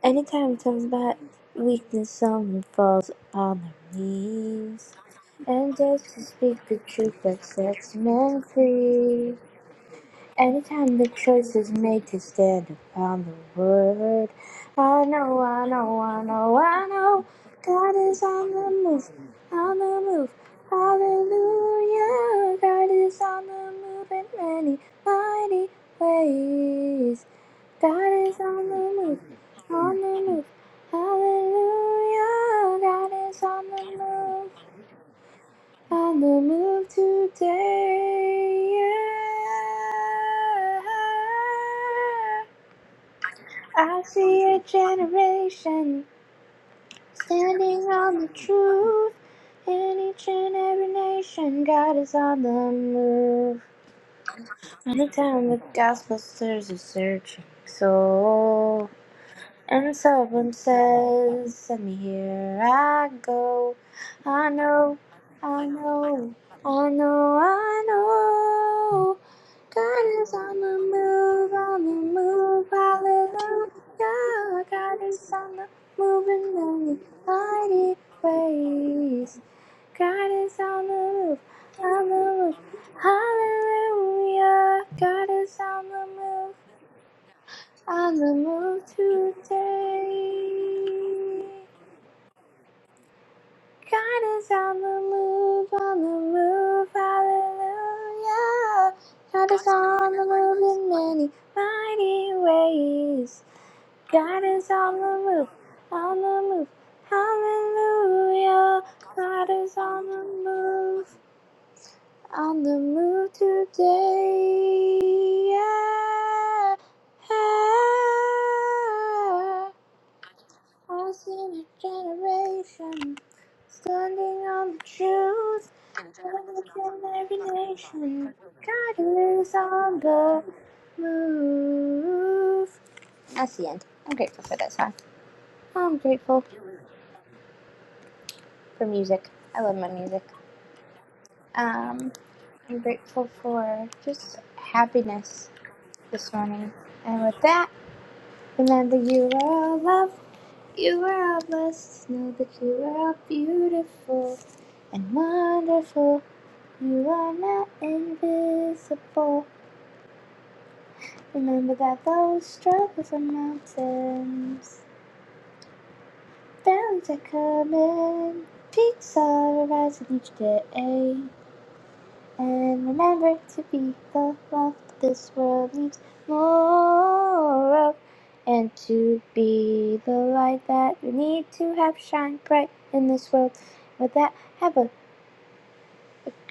Speaker 6: Anytime it talks about weakness, someone falls on their knees. And just to speak the truth that sets men free. Anytime the choice is made to stand upon the word. I know, I know, I know, I know. God is on the move, on the move. Hallelujah. God is on the move in many, mighty ways. God is on the move, on the move. Hallelujah. God is on the move, on the move today. Yeah. I see a generation standing on the truth. In each and every nation, God is on the move. Anytime the gospel stirs a searching soul. And someone says, Send me here I go. I know, I know, I know, I know. God is on the move, on the move, hallelujah. God is on the move in many mighty ways. God is on the move, on the move, hallelujah. God is on the move. On the move today. God is on the move, on the move, hallelujah. God is on the move in many mighty ways. God is on the move, on the move, hallelujah. God is on the move, on the move today. Yeah. Ah. Lost in a generation, standing on the truth. Of every nation, gotta lose on the move. That's the end. I'm grateful for that song. I'm grateful for music. I love my music. Um, I'm grateful for just happiness this morning. And with that, remember you are loved. You are all blessed to know that you are all beautiful and wonderful. You are not invisible. Remember that those struggles are mountains, valleys are coming, peaks are rising each day. And remember to be the love this world needs more of. And to be the light that we need to have shine bright in this world. With that, have a,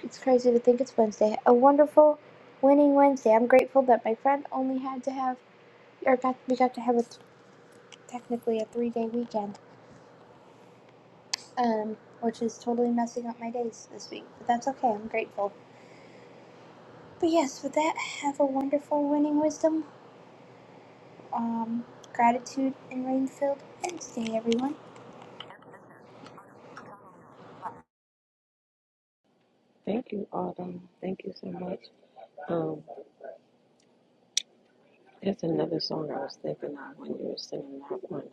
Speaker 6: it's crazy to think it's Wednesday, a wonderful winning Wednesday. I'm grateful that my friend only had to have, or got, we got to have a, technically a three day weekend, um, which is totally messing up my days this week. But that's okay, I'm grateful. But yes, with that, have a wonderful winning wisdom um, gratitude in Rainfield and stay everyone.
Speaker 1: Thank you, Autumn. Thank you so much. Um, there's another song I was thinking of when you were singing that one.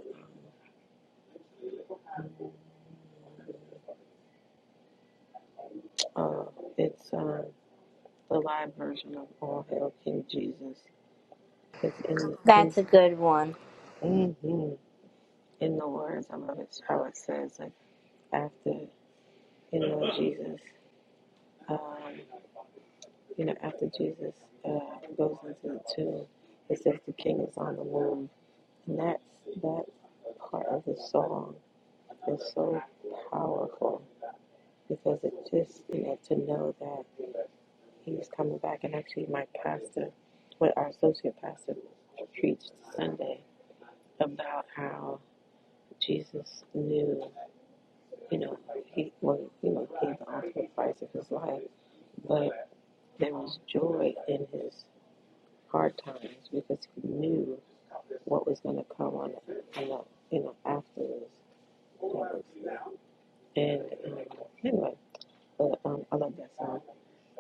Speaker 1: Uh, it's um, the live version of All Hail King Jesus. Because in in hmm In the words, I love it's how it says, like after you know Jesus, um, you know after Jesus uh, goes into the tomb, it says the king is on the move, and that's that part of the song is so powerful because it just you know to know that he's coming back, and actually my pastor, what our associate pastor preached Sunday about how Jesus knew. you know, he well, you know, paid the ultimate price of his life. But there was joy in his hard times because he knew what was going to come on, you know, you know, after this. And um, anyway, but um, I love that song.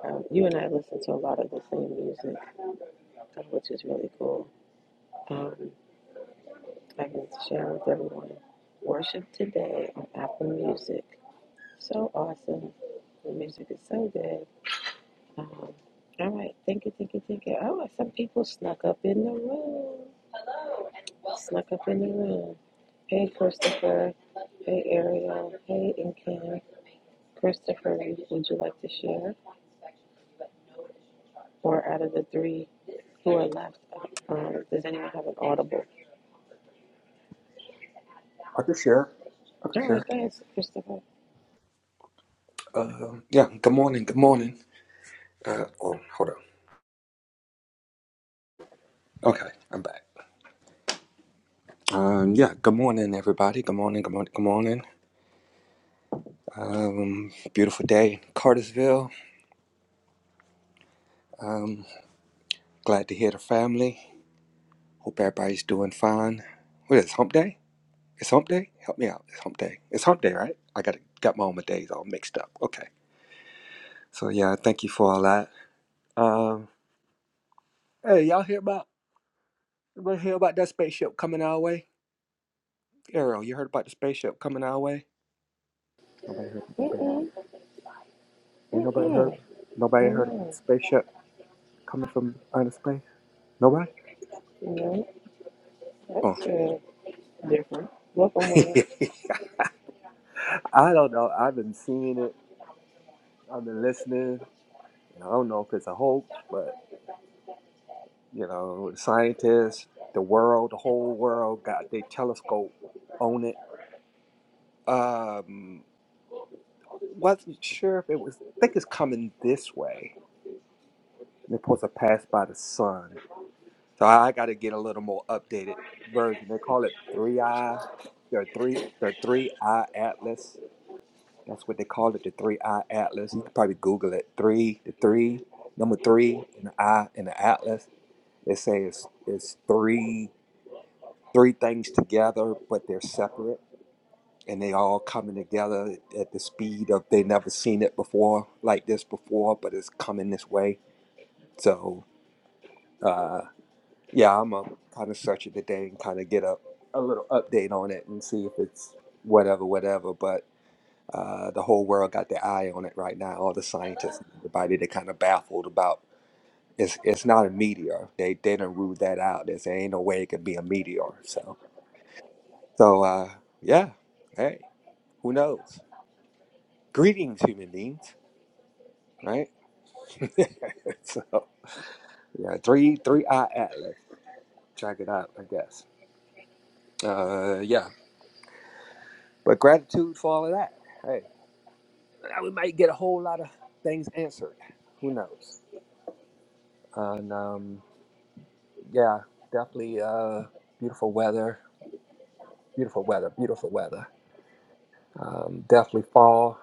Speaker 1: Um, you and I listen to a lot of the same music, uh, which is really cool. Um, I can share with everyone. Worship today on Apple Music. So awesome. The music is so good. Um, all right, thank you, thank you, thank you. Oh, some people snuck up in the room. Snuck up in the room. Hey, Christopher. Hey, Ariel. Hey, and Kim. Christopher, would you like to share? Or out of the three who are left, um, does anyone have an audible?
Speaker 7: I can share. I can
Speaker 1: All right,
Speaker 7: share.
Speaker 1: go ahead, Christopher.
Speaker 7: Um, yeah. Good morning. Good morning. Uh, oh, hold on. Okay, I'm back. Um, yeah. Good morning, everybody. Good morning. Good morning. Good morning. Um, beautiful day, in Cartersville. Um, glad to hear the family. Hope everybody's doing fine. What is it, Hump Day? It's Hump Day. Help me out. It's Hump Day. It's Hump Day, right? I got got my own days all mixed up. Okay. So yeah, thank you for all that. Um, hey, y'all hear about? Everybody hear about that spaceship coming our way? Ariel, you heard about the spaceship coming our way? Nobody heard about the spaceship.
Speaker 1: Mm-mm,
Speaker 7: Ain't nobody heard.
Speaker 1: mm-mm.
Speaker 7: Nobody heard about
Speaker 1: No,
Speaker 7: the spaceship coming from outer space. Nobody.
Speaker 1: no,
Speaker 7: Oh,
Speaker 1: that's uh, different. Welcome, William.
Speaker 7: I don't know. I've been seeing it. I've been listening. And I don't know if it's a hoax, but you know, the scientists, the world, the whole world got their telescope on it. Um, wasn't sure if it was. I think it's coming this way. And it's supposed to pass by the sun. So I got to get a little more updated version. They call it three eye, the three the three eye atlas. That's what they call it, the three eye atlas. You can probably Google it. Three, the three, number three, and the eye and the atlas. It says it's three three things together, but they're separate, and they all coming together at the speed of they never seen it before like this before, but it's coming this way. So. uh. Yeah, I'm gonna kind of search it today and kind of get a, a little update on it and see if it's whatever, whatever. But uh, the whole world got their eye on it right now. All the scientists and everybody, they're kind of baffled about it's it's not a meteor. They they done ruled that out. They say ain't no way it could be a meteor. So so uh, yeah, hey, who knows? Greetings, human beings, right? so yeah, three three eye atlas. Check it out, I guess. Uh, yeah. But gratitude for all of that. Hey, we might get a whole lot of things answered. Who knows? And um, yeah, definitely uh, beautiful weather. Beautiful weather. Beautiful weather. Um, definitely fall.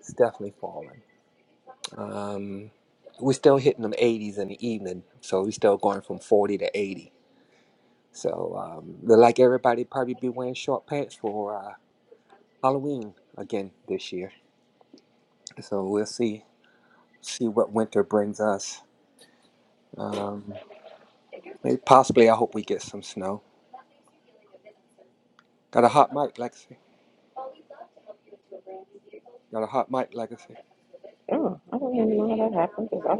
Speaker 7: It's definitely falling. Um, we're still hitting them 80s in the evening, so we're still going from 40 to 80. So um, look like everybody probably be wearing short pants for uh, Halloween again this year. So we'll see see what winter brings us. Um, Maybe possibly I hope we get some snow. Got a hot mic, Lexi. Got a hot mic, Legacy.
Speaker 1: Oh, I don't even know how that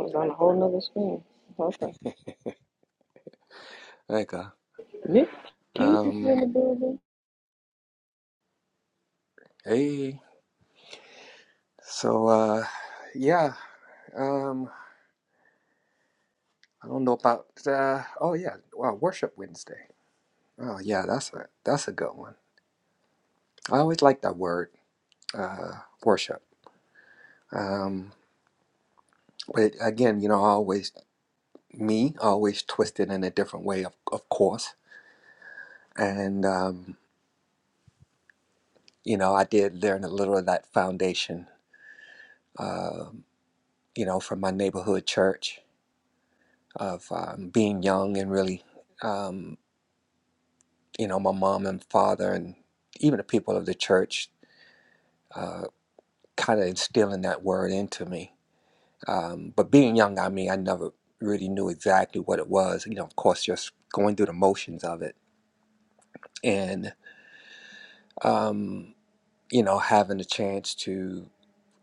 Speaker 1: was on a whole nother screen. Okay.
Speaker 7: There you go.
Speaker 1: Nick Keys is
Speaker 7: Um
Speaker 1: in the building.
Speaker 7: hey. So uh yeah. Um I don't know about uh oh yeah, wow, worship Wednesday. Oh yeah, that's a that's a good one. I always like that word, uh worship. Um but again, you know, I always me I always twist it in a different way of of course. And um, you know, I did learn a little of that foundation Um. you know, from my neighborhood church of um, being young and really, um, you know, my mom and father and even the people of the church uh, kind of instilling that word into me. Um, but being young, I mean, I never really knew exactly what it was. You know, of course, just going through the motions of it and, um, you know, having the chance to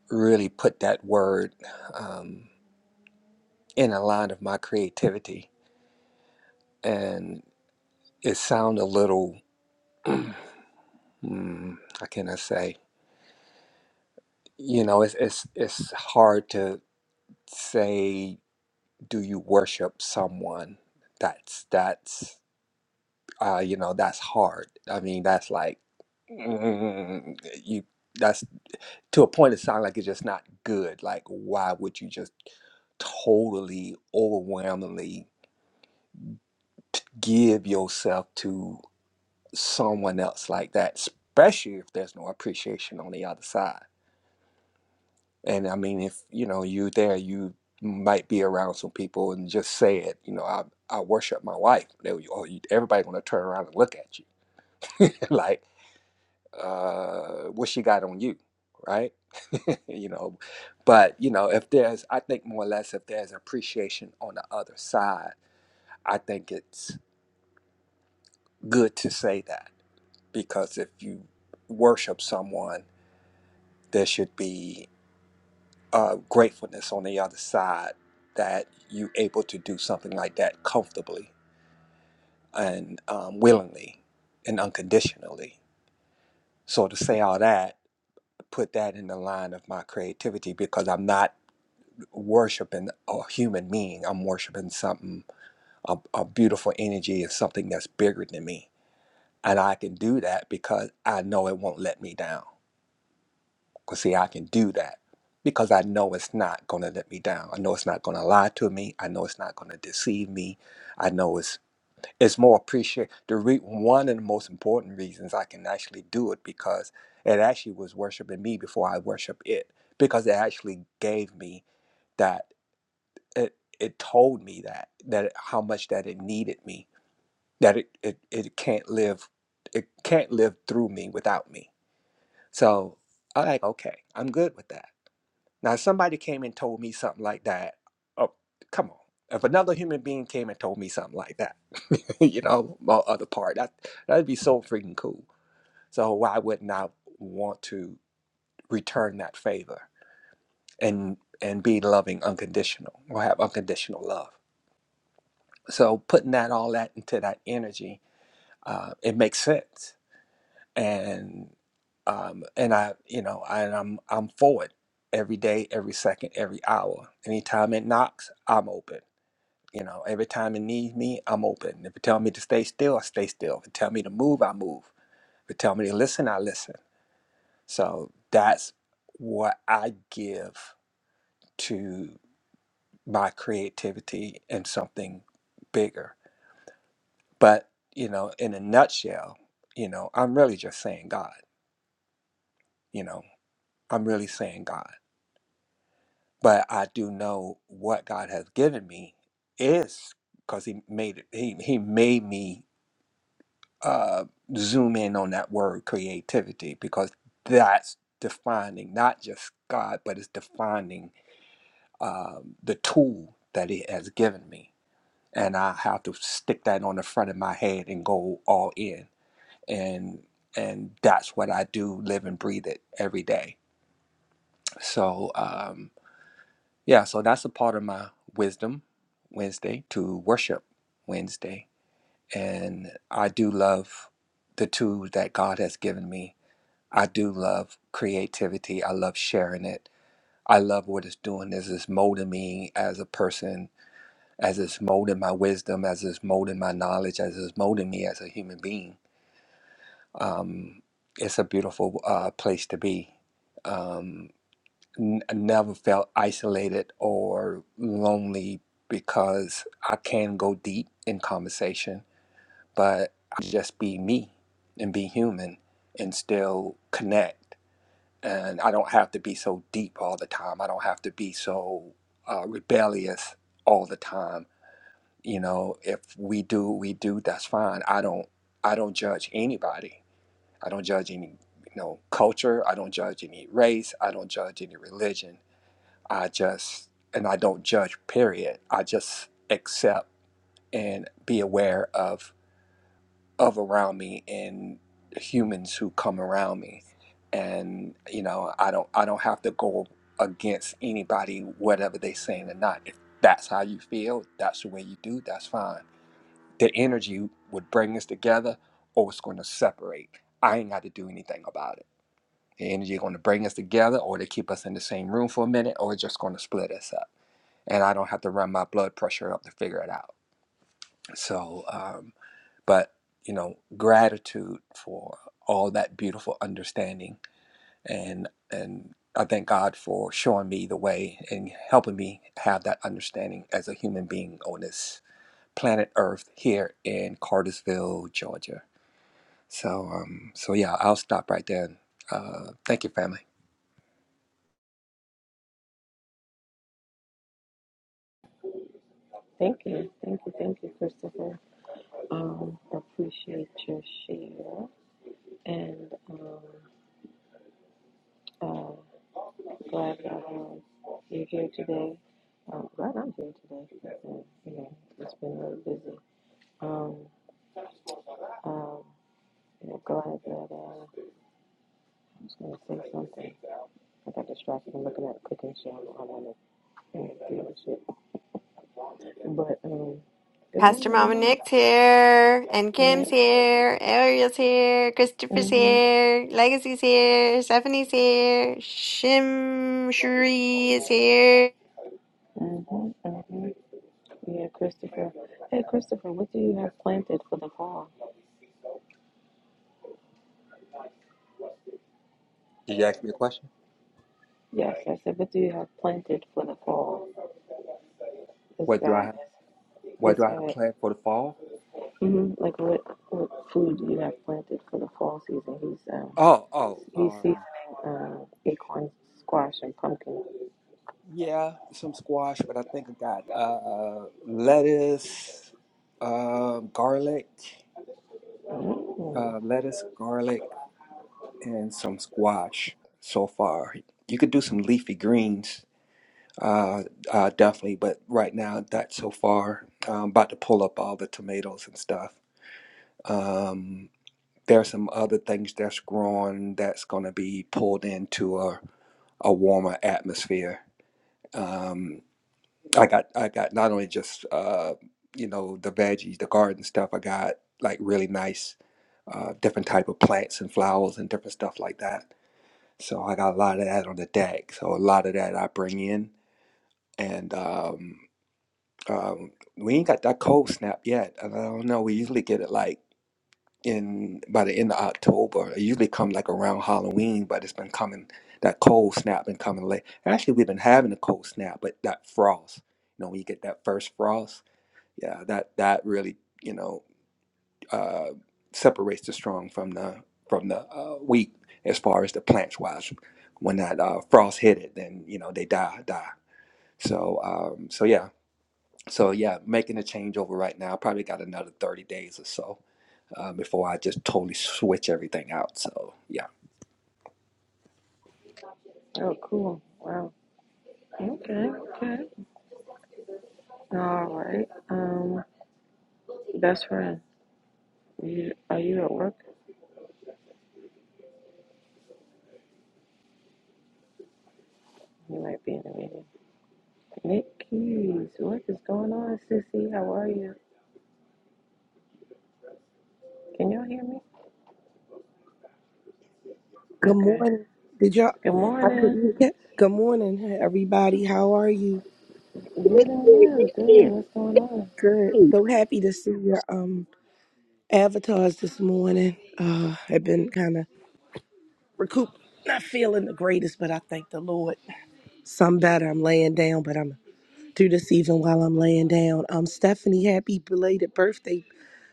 Speaker 7: really put that word um, in a line of my creativity. And it sounded a little. Mm, how can I say? You know, it's it's it's hard to say. Do you worship someone? That's that's uh, you know that's hard. I mean, that's like mm, you. That's to a point. It sounds like it's just not good. Like, why would you just totally overwhelmingly give yourself to someone else like that? Especially if there's no appreciation on the other side. And I mean, if you know you there, you might be around some people and just say it. You know, I I worship my wife. They, would- oh, you, everybody gonna turn around and look at you like, uh, what she got on you, right? you know, but you know, if there's, I think more or less, if there's appreciation on the other side, I think it's good to say that because if you worship someone, there should be uh, gratefulness on the other side that you're able to do something like that comfortably and um, willingly and unconditionally. So to say all that, put that in the line of my creativity because I'm not worshiping a human being. I'm worshiping something, a, a beautiful energy and something that's bigger than me. And I can do that because I know it won't let me down. Because, see, I can do that because I know it's not going to let me down. I know it's not going to lie to me. I know it's not going to deceive me. I know it's it's more appreciated. The re- one of the most important reasons I can actually do it because it actually was worshiping me before I worship it because it actually gave me that it it told me that that it- how much that it needed me that it it, it can't live it can't live through me without me. So I'm like, okay, I'm good with that now, if somebody came and told me something like that, oh, come on. If another human being came and told me something like that, you know, my other part, that that'd be so freaking cool. So why wouldn't I want to return that favor and and be loving unconditional or have unconditional love? So putting that all that into that energy, uh, it makes sense. And um, and I, you know, I, I'm I'm for it every day, every second, every hour. Anytime it knocks, I'm open You know, every time it needs me, I'm open. If it tell me to stay still, I stay still. If it tell me to move, I move. If it tell me to listen, I listen. So that's what I give to my creativity and something bigger. But, you know, in a nutshell, you know, I'm really just saying God, you know, I'm really saying God. But I do know what God has given me is because he made it, he, he made me uh, zoom in on that word creativity because that's defining not just God, but it's defining um, the tool that it has given me. And I have to stick that on the front of my head and go all in. And and that's what I do, live and breathe it every day. So um, yeah, so that's a part of my wisdom Wednesday to worship Wednesday. And I do love the tools that God has given me I do love creativity. I love sharing it. I love what it's doing As it's molding me as a person, as it's molding my wisdom, as it's molding my knowledge, as it's molding me as a human being. Um, it's a beautiful uh, place to be. Um, n- I never felt isolated or lonely because I can go deep in conversation, but I just be me and be human and still connect. and I don't have to be so deep all the time. I don't have to be so uh, rebellious all the time. You know, if we do, we do. That's fine. I don't. I don't judge anybody. I don't judge any, you know, culture. I don't judge any race. I don't judge any religion. I just and I don't judge. Period. I just accept and be aware of of around me and humans who come around me and you know i don't i don't have to go against anybody whatever they saying or not if that's how you feel that's the way you do that's fine the energy would bring us together or it's going to separate i ain't got to do anything about it the energy going to bring us together or to keep us in the same room for a minute or it's just going to split us up and i don't have to run my blood pressure up to figure it out so um but you know gratitude for all that beautiful understanding and and i thank god for showing me the way and helping me have that understanding as a human being on this planet earth here in cartersville georgia so um so yeah i'll stop right there and, uh thank you family
Speaker 1: Thank you, thank you, thank you, Christopher. Um, appreciate your share, and um, uh, glad that um, you're here today. Um, glad I'm here today. because, uh, you know, it's been really busy. Um, um, you know, glad that uh, I was going to say something. I got distracted from looking at the cooking show. I want to you know, do this shit, but um, good
Speaker 4: Pastor
Speaker 1: morning, good
Speaker 4: Mama
Speaker 1: morning.
Speaker 4: Nick's here, and
Speaker 1: Yeah.
Speaker 4: Kim's here, Ariel's here, Christopher's
Speaker 1: Mhm.
Speaker 4: here, Legacy's here, Stephanie's here, Shim Sheree is here.
Speaker 1: Mhm. Mhm. Yeah, Christopher. Hey, Christopher, what do you have planted for the fall?
Speaker 7: did you ask me a question
Speaker 1: Yes, I said, what do you have planted for the fall? This
Speaker 7: what do i
Speaker 1: guy,
Speaker 7: have what do
Speaker 1: this
Speaker 7: i have
Speaker 1: guy.
Speaker 7: planned for the fall
Speaker 1: hmm Like, what, what food do you have planted for the fall season? He's um,
Speaker 7: oh oh
Speaker 1: he's seasoning
Speaker 7: um,
Speaker 1: um, acorn squash and pumpkin.
Speaker 7: Yeah, some squash, but I think I got uh, lettuce, um, garlic,
Speaker 1: mm
Speaker 7: uh, lettuce, garlic, and some squash so far. You could do some leafy greens, uh, uh, definitely, but right now that so far. I'm about to pull up all the tomatoes and stuff. Um, there's some other things that's growing that's going to be pulled into a, a warmer atmosphere. Um, I got I got not only just uh, you know the veggies, the garden stuff. I got like really nice uh, different type of plants and flowers and different stuff like that. So I got a lot of that on the deck. So a lot of that I bring in, and um, um, we ain't got that cold snap yet. And I don't know. We usually get it like in by the end of October. It usually come like around Halloween, but it's been coming. That cold snap been coming late. Actually, we've been having a cold snap, but that frost. You know, when you get that first frost yeah that that really you know uh, separates the strong from the from the uh, weak as far as the plants wise when that uh, frost hit it then you know they die die so um, so yeah so yeah making a changeover right now probably got another 30 days or so uh, before i just totally switch everything out so yeah
Speaker 1: Oh, cool. Wow. Okay. Okay. All right. Um, best friend, you, are you at work? You might be in a meeting. Nick what is going on, sissy? How are you? Can y'all hear me?
Speaker 8: Good
Speaker 1: Okay.
Speaker 8: morning. Did y'all?
Speaker 1: Good
Speaker 8: I
Speaker 1: morning.
Speaker 8: couldn't get. Good morning, hi, everybody. How are you?
Speaker 1: Good and you. Good. What's going on?
Speaker 8: Good. So happy to see your um avatars this morning. Uh, I've been kind of recoup, not feeling the greatest, but I thank the Lord. Some better. I'm laying down, but I'm through this even while I'm laying down. Um, Stephanie, happy belated birthday,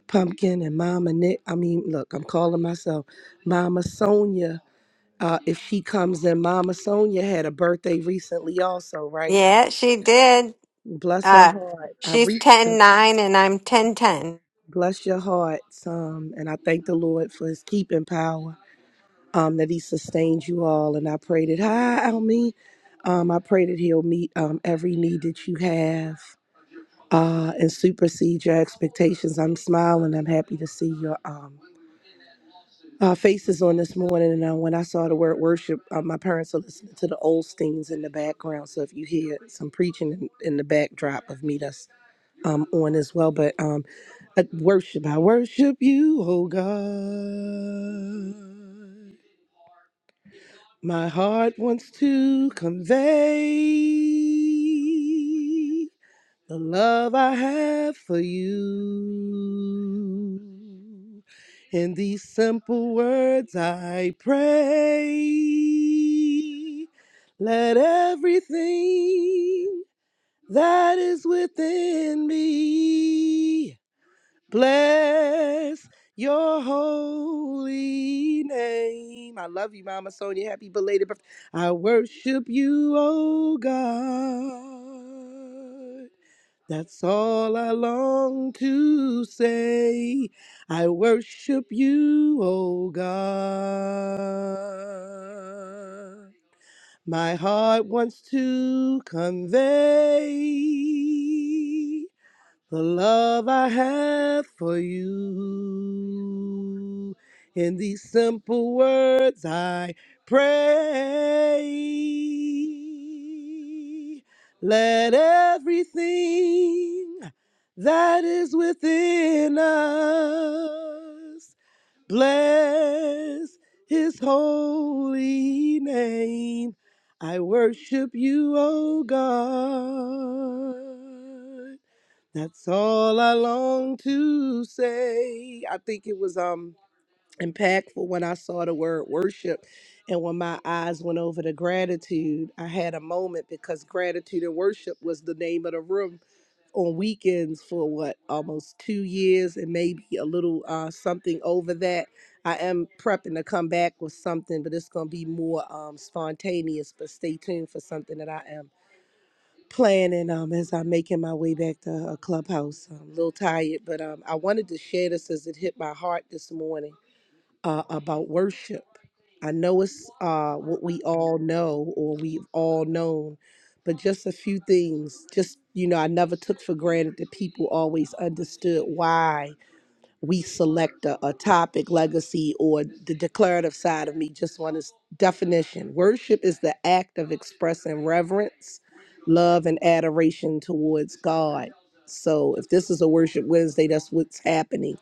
Speaker 8: pumpkin, and Mama Nick. I mean, look, I'm calling myself Mama Sonia. Uh, if she comes in, Mama Sonia had a birthday recently, also, right?
Speaker 4: Yeah, she did.
Speaker 8: Bless her
Speaker 4: Uh,
Speaker 8: heart. I
Speaker 4: she's
Speaker 8: reached her.
Speaker 4: ten nine, and I'm ten ten.
Speaker 8: Bless your hearts. Um, and I thank the Lord for his keeping power, um, that he sustains you all. And I pray that, hi, Almi. Um, I pray that he'll meet um, every need that you have uh, and supersede your expectations. I'm smiling. I'm happy to see you. uh, faces on this morning, and uh, when I saw the word worship, uh, my parents are listening to the Oldsteins in the background. So if you hear some preaching in, in the backdrop of me, that's um, on as well. But um, uh, worship, I worship you, oh God. My heart wants to convey the love I have for you. In these simple words I pray, let everything that is within me bless your holy name. I love you, Mama Sonia. Happy belated birthday. I worship you, oh God. That's all I long to say. I worship you, O God. My heart wants to convey the love I have for you. In these simple words I pray. Let everything that is within us bless his holy name. I worship you, O God. That's all I long to say. I think it was um impactful when I saw the word worship and when my eyes went over to gratitude, I had a moment because gratitude and worship was the name of the room on weekends for what almost 2 years and maybe a little uh something over that. I am prepping to come back with something, but it's going to be more um spontaneous, but stay tuned for something that I am planning um, as I'm making my way back to a clubhouse. I'm a little tired, but um, I wanted to share this as it hit my heart this morning uh, about worship. I know it's uh, what we all know or we've all known, but just a few things. Just, you know, I never took for granted that people always understood why we select a, a topic, legacy, or the declarative side of me. Just one is definition. Worship is the act of expressing reverence, love, and adoration towards God. So if this is a worship Wednesday, that's what's happening.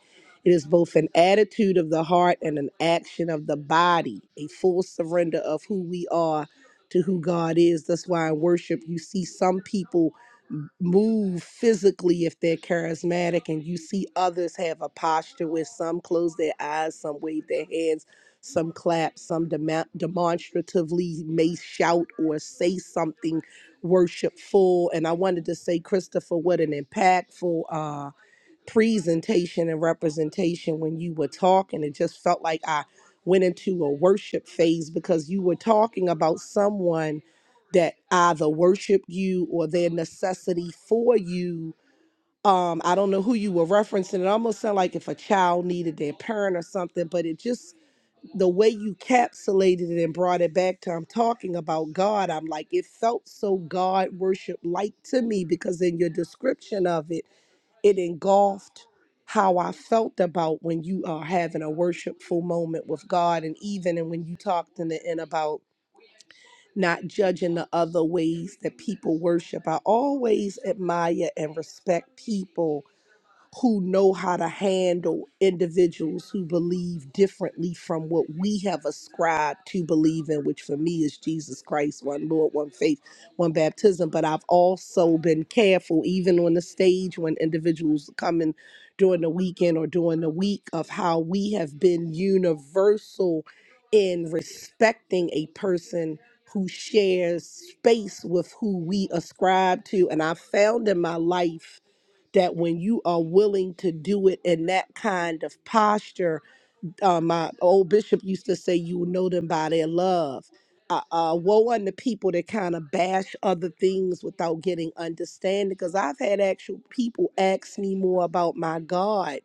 Speaker 8: It is both an attitude of the heart and an action of the body, a full surrender of who we are to who God is. That's why in worship, you see some people move physically if they're charismatic and you see others have a posture where some close their eyes some wave their hands some clap some dema- demonstratively may shout or say something worshipful and i wanted to say christopher what an impactful uh, presentation and representation when you were talking. It just felt like I went into a worship phase because you were talking about someone that either worshiped you or their necessity for you. Um, I don't know who you were referencing. It almost sounded like if a child needed their parent or something, but it just the way you capsulated it and brought it back to I'm talking about God. I'm like, it felt so God worship like to me because in your description of it it engulfed how I felt about when you are having a worshipful moment with God, and even and when you talked in the end about not judging the other ways that people worship. I always admire and respect people who know how to handle individuals who believe differently from what we have ascribed to believe in, which for me is Jesus Christ, one Lord, one faith, one baptism. But I've also been careful, even on the stage when individuals come in during the weekend or during the week, of how we have been universal in respecting a person who shares space with who we ascribe to. And I found in my life that when you are willing to do it in that kind of posture, uh, my old bishop used to say, you will know them by their love. Uh, uh, woe unto people that kind of bash other things without getting understanding. Because I've had actual people ask me more about my God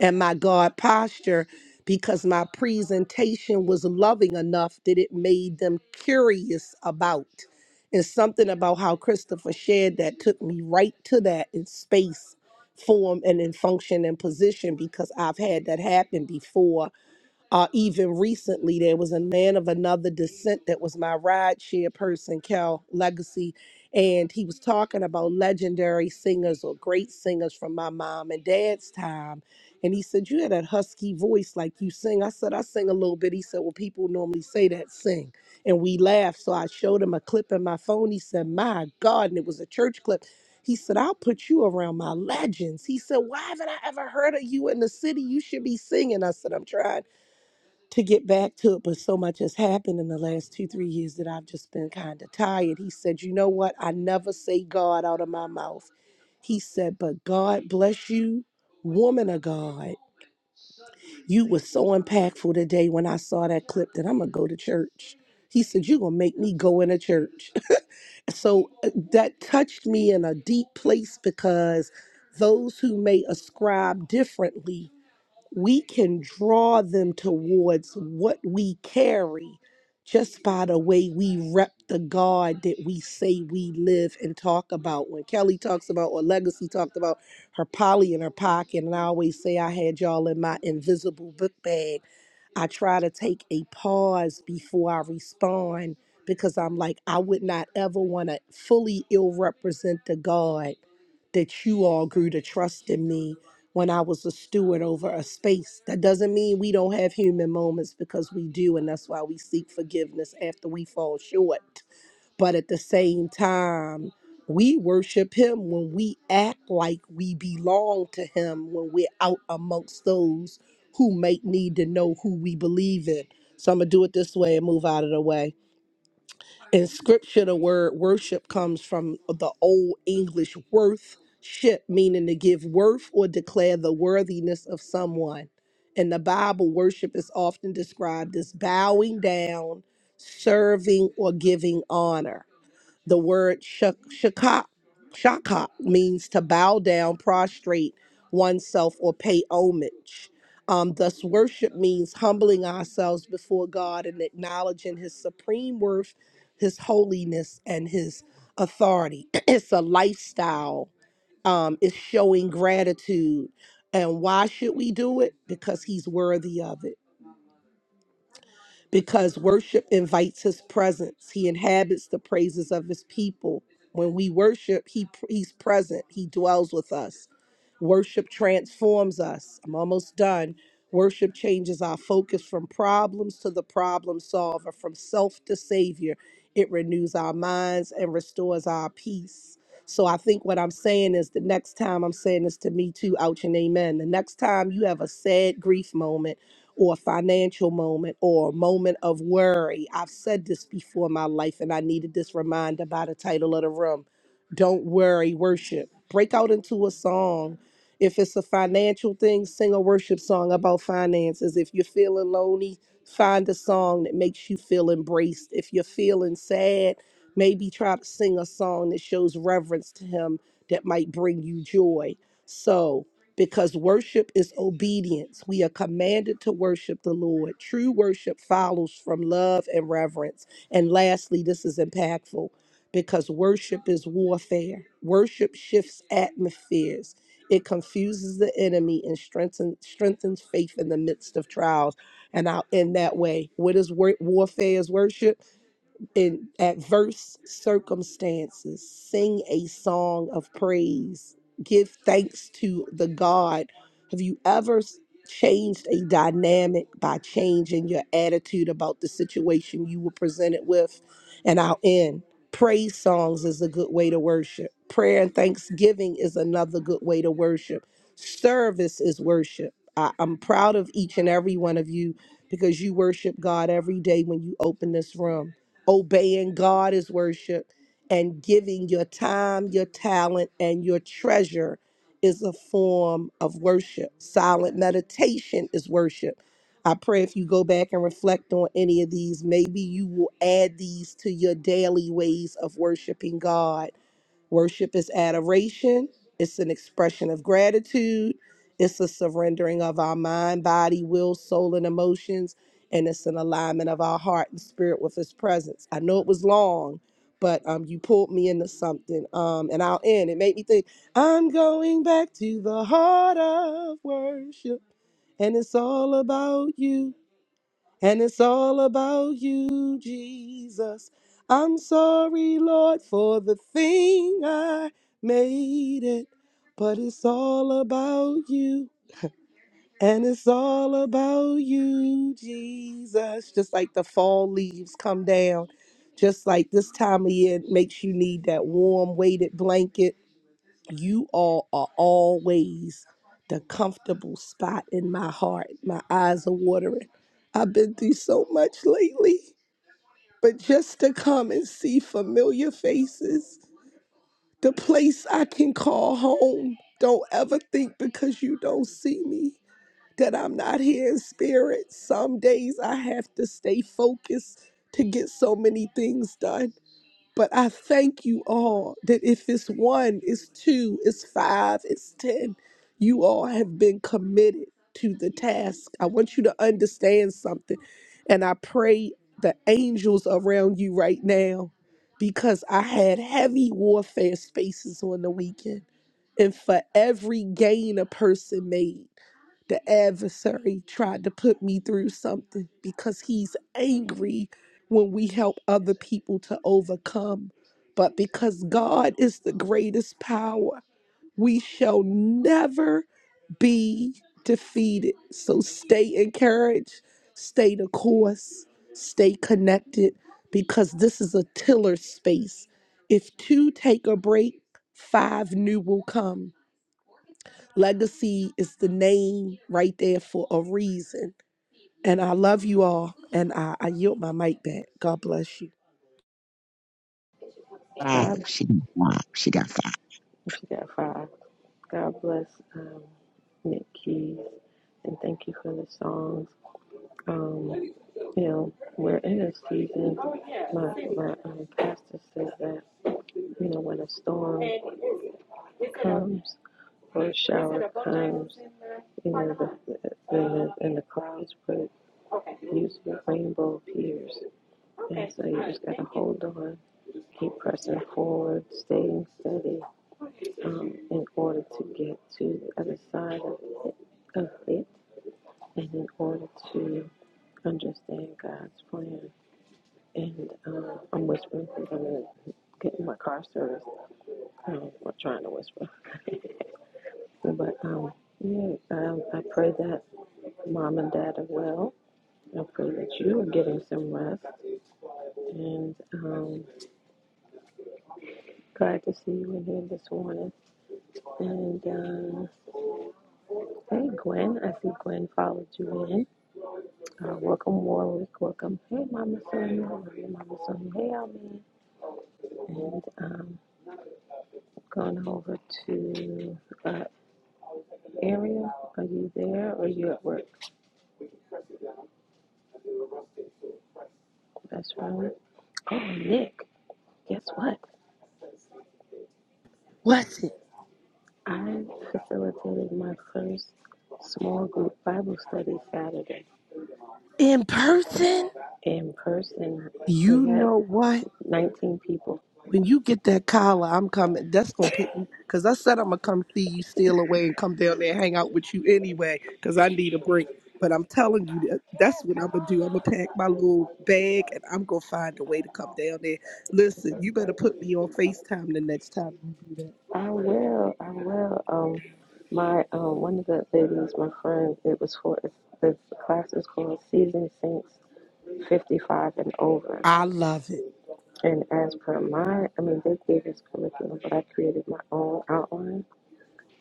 Speaker 8: and my God posture because my presentation was loving enough that it made them curious about. And something about how Christopher shared that took me right to that in space, form, and in function and position because I've had that happen before uh, even recently, there was a man of another descent that was my ride share person, Cal Legacy, and he was talking about legendary singers or great singers from my mom and dad's time. And he said, You had that husky voice like you sing. I said, I sing a little bit. He said, Well, people normally say that, sing. And we laughed. So I showed him a clip in my phone. He said, My God. And it was a church clip. He said, I'll put you around my legends. He said, Why haven't I ever heard of you in the city? You should be singing. I said, I'm trying to get back to it, but so much has happened in the last two, three years that I've just been kind of tired. He said, You know what? I never say God out of my mouth. He said, But God bless you, woman of God. You were so impactful today when I saw that clip that I'm going to go to church. He said, You're going to make me go into church. So uh, that touched me in a deep place because those who may ascribe differently we can draw them towards what we carry just by the way we rep the God that we say we live and talk about. When Kelly talks about, or Legacy talked about her poly in her pocket, and I always say, I had y'all in my invisible book bag. I try to take a pause before I respond because I'm like, I would not ever want to fully ill represent the God that you all grew to trust in me when I was a steward over a space. That doesn't mean we don't have human moments because we do, and that's why we seek forgiveness after we fall short. But at the same time, we worship him when we act like we belong to him when we're out amongst those who might need to know who we believe in. So I'm gonna do it this way and move out of the way. In scripture, the word worship comes from the Old English worth ship, meaning to give worth or declare the worthiness of someone. In the Bible, worship is often described as bowing down, serving, or giving honor. The word shak- shaka, shaka means to bow down, prostrate oneself, or pay homage. Um, thus, worship means humbling ourselves before God and acknowledging His supreme worth, His holiness, and His authority. it's a lifestyle, um, it's showing gratitude. And why should we do it? Because He's worthy of it because worship invites his presence. He inhabits the praises of his people. When we worship, he he's present. He dwells with us. Worship transforms us. I'm almost done. Worship changes our focus from problems to the problem solver, from self to savior. It renews our minds and restores our peace. So I think what I'm saying is the next time I'm saying this to me too, ouch and amen. The next time you have a sad grief moment or a financial moment or a moment of worry. I've said this before in my life, and I needed this reminder by the title of the room. Don't worry, worship. Break out into a song. If it's a financial thing, sing a worship song about finances. If you're feeling lonely, find a song that makes you feel embraced. If you're feeling sad, maybe try to sing a song that shows reverence to Him that might bring you joy. So, because worship is obedience. We are commanded to worship the Lord. True worship follows from love and reverence. And lastly, this is impactful because worship is warfare. Worship shifts atmospheres. It confuses the enemy and strengthens strengthens faith in the midst of trials. And out in that way, what is war- warfare? Is worship? in adverse circumstances, sing a song of praise, give thanks to the God. Have you ever s- changed a dynamic by changing your attitude about the situation you were presented with? And I'll end. Praise songs is a good way to worship. Prayer and thanksgiving is another good way to worship. Service is worship. I, I'm proud of each and every one of you because you worship God every day when you open this room obeying God is worship, and giving your time, your talent, and your treasure is a form of worship. Silent meditation is worship. I pray if you go back and reflect on any of these, maybe you will add these to your daily ways of worshiping God Worship is adoration, it's an expression of gratitude, it's a surrendering of our mind, body, will, soul, and emotions, and it's an alignment of our heart and spirit with His presence. I know it was long, but um, you pulled me into something, um, and I'll end. It made me think, I'm going back to the heart of worship, and it's all about you. And it's all about you, Jesus. I'm sorry, Lord, for the thing I made it. But it's all about you. And it's all about you, Jesus. Just like the fall leaves come down. Just like this time of year makes you need that warm weighted blanket you all are always the comfortable spot in my heart. My eyes are watering. I've been through so much lately, but just to come and see familiar faces, the place I can call home. Don't ever think because you don't see me that I'm not here in spirit. Some days I have to stay focused to get so many things done but I thank you all that if it's one, it's two, it's five, it's 10, you all have been committed to the task. I want you to understand something. And I pray the angels around you right now because I had heavy warfare spaces on the weekend. And for every gain a person made, the adversary tried to put me through something because he's angry when we help other people to overcome. But because God is the greatest power, we shall never be defeated. So stay encouraged, stay the course, stay connected, because this is a tiller space. If two take a break, five new will come. Legacy is the name right there for a reason. And I love you all, and I, I yield my mic back. God bless you.
Speaker 9: Five.
Speaker 1: God,
Speaker 9: She got five. She got five.
Speaker 1: she got five. God bless um, Nick Keys and thank you for the songs. Um, you know, we're in a season. My, my um, pastor says that, you know, when a storm comes or a shower comes, you know, the, the, in, the, clouds, but usually rainbow appears. And so you just got to hold on Keep pressing forward, staying steady um, in order to get to the other side of, of it and in order to understand God's plan. And um, I'm whispering because I'm in, getting my car serviced. Um, we're trying to whisper. But um, yeah, um, I pray that mom and dad are well. I pray that you are getting some rest. And um, glad to see you in here this morning. And um, Hey Gwen, I see Gwen followed you in. Uh, welcome Warwick, welcome. Hey Mama Sonia, hello, hey Mama Sonia, hey Almin. And um, going over to uh, Ariel, are you there or you at work? That's right. Oh Nick, guess what?
Speaker 8: What?
Speaker 1: I facilitated my first small group Bible study Saturday
Speaker 8: in person.
Speaker 1: in person.
Speaker 8: You
Speaker 1: We had
Speaker 8: know what?
Speaker 1: 19 people
Speaker 8: When you get that collar, I'm coming. That's gonna put me because I said I'm gonna come see you steal away and come down there and hang out with you anyway because I need a break. But I'm telling you, that- that's what I'm gonna do. I'm gonna pack my little bag and I'm gonna find a way to come down there. Listen, you better put me on Facetime the next time you do that.
Speaker 1: I will. I will. Um, my um, one of the ladies, my friend, it was for it's, the class is called Seasoned Saints, fifty-five and over.
Speaker 8: I love it.
Speaker 1: And as per my, I mean, they gave us curriculum, but I created my own outline,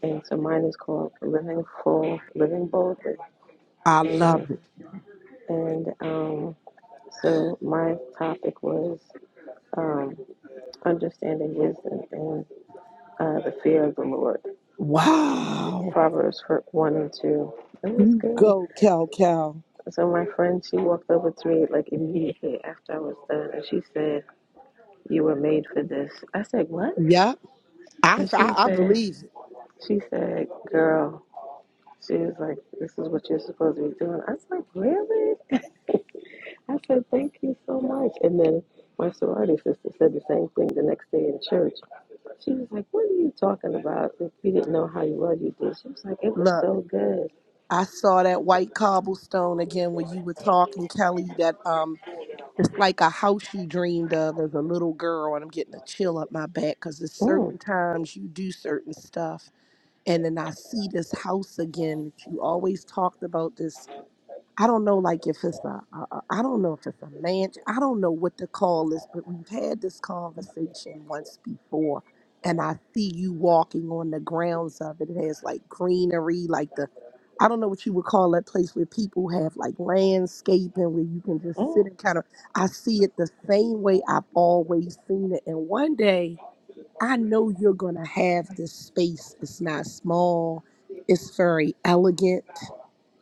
Speaker 1: and so mine is called Living Full, Living Boldly,
Speaker 8: I
Speaker 1: and
Speaker 8: love it.
Speaker 1: and um, so my topic was um, understanding wisdom and uh, the fear of the Lord.
Speaker 8: Wow.
Speaker 1: Proverbs fir- one and two. It was
Speaker 8: You
Speaker 1: good.
Speaker 8: go, Cal Cal.
Speaker 1: So my friend, she walked over to me like immediately after I was done, and she said, "You were made for this." I said, "What?"
Speaker 8: Yep. I,
Speaker 1: And she
Speaker 8: I I
Speaker 1: said,
Speaker 8: believe it.
Speaker 1: "She said, girl." She was like, "This is what you're supposed to be doing." I was like, "Really?" I said, "Thank you so much." And then my sorority sister said the same thing the next day in church. She was like, "What are you talking about? If you didn't know how you were, you did." She was like, "It was
Speaker 8: Look.
Speaker 1: so good."
Speaker 8: I saw that white cobblestone again when you were talking, Kelly. That um, it's like a house you dreamed of as a little girl, and I'm getting a chill up my back because there's
Speaker 1: Mm,
Speaker 8: certain times you do certain stuff, and then I see this house again that you always talked about. This I don't know, like if it's a, a, a I don't know if it's a man. I don't know what the call is, but we've had this conversation once before, and I see you walking on the grounds of it. It has like greenery, like the, I don't know what you would call that place where people have like landscaping where you can just sit
Speaker 1: mm,
Speaker 8: and kind of. I see it the same way I've always seen it, and one day I know you're gonna have this space. It's not small. It's very elegant.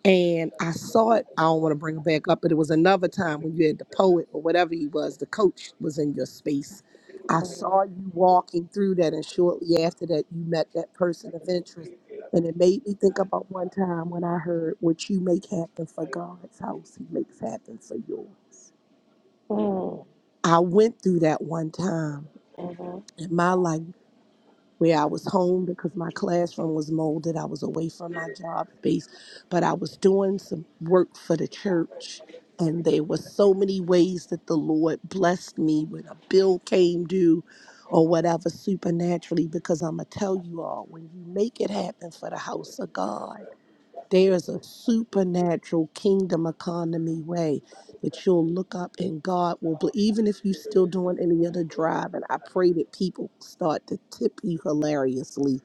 Speaker 8: And I saw it. I don't want to bring it back up, but it was another time when you had the poet or whatever he was, the coach was in your space. I
Speaker 1: mm,
Speaker 8: saw you walking through that, and shortly after that, you met that person of interest. And it made me think about one time when I heard, What you make happen for God's house, He makes happen for yours.
Speaker 1: mm,
Speaker 8: I went through that one time
Speaker 1: mhm.
Speaker 8: in my life where I was home because my classroom was molded. I was away from my job space, but I was doing some work for the church. And there were so many ways that the Lord blessed me when a bill came due or whatever supernaturally, because I'm going to tell you all, when you make it happen for the house of God, there is a supernatural kingdom economy way that you'll look up and God will, bl- even if you're still doing any other drive, and I pray that people start to tip you hilariously.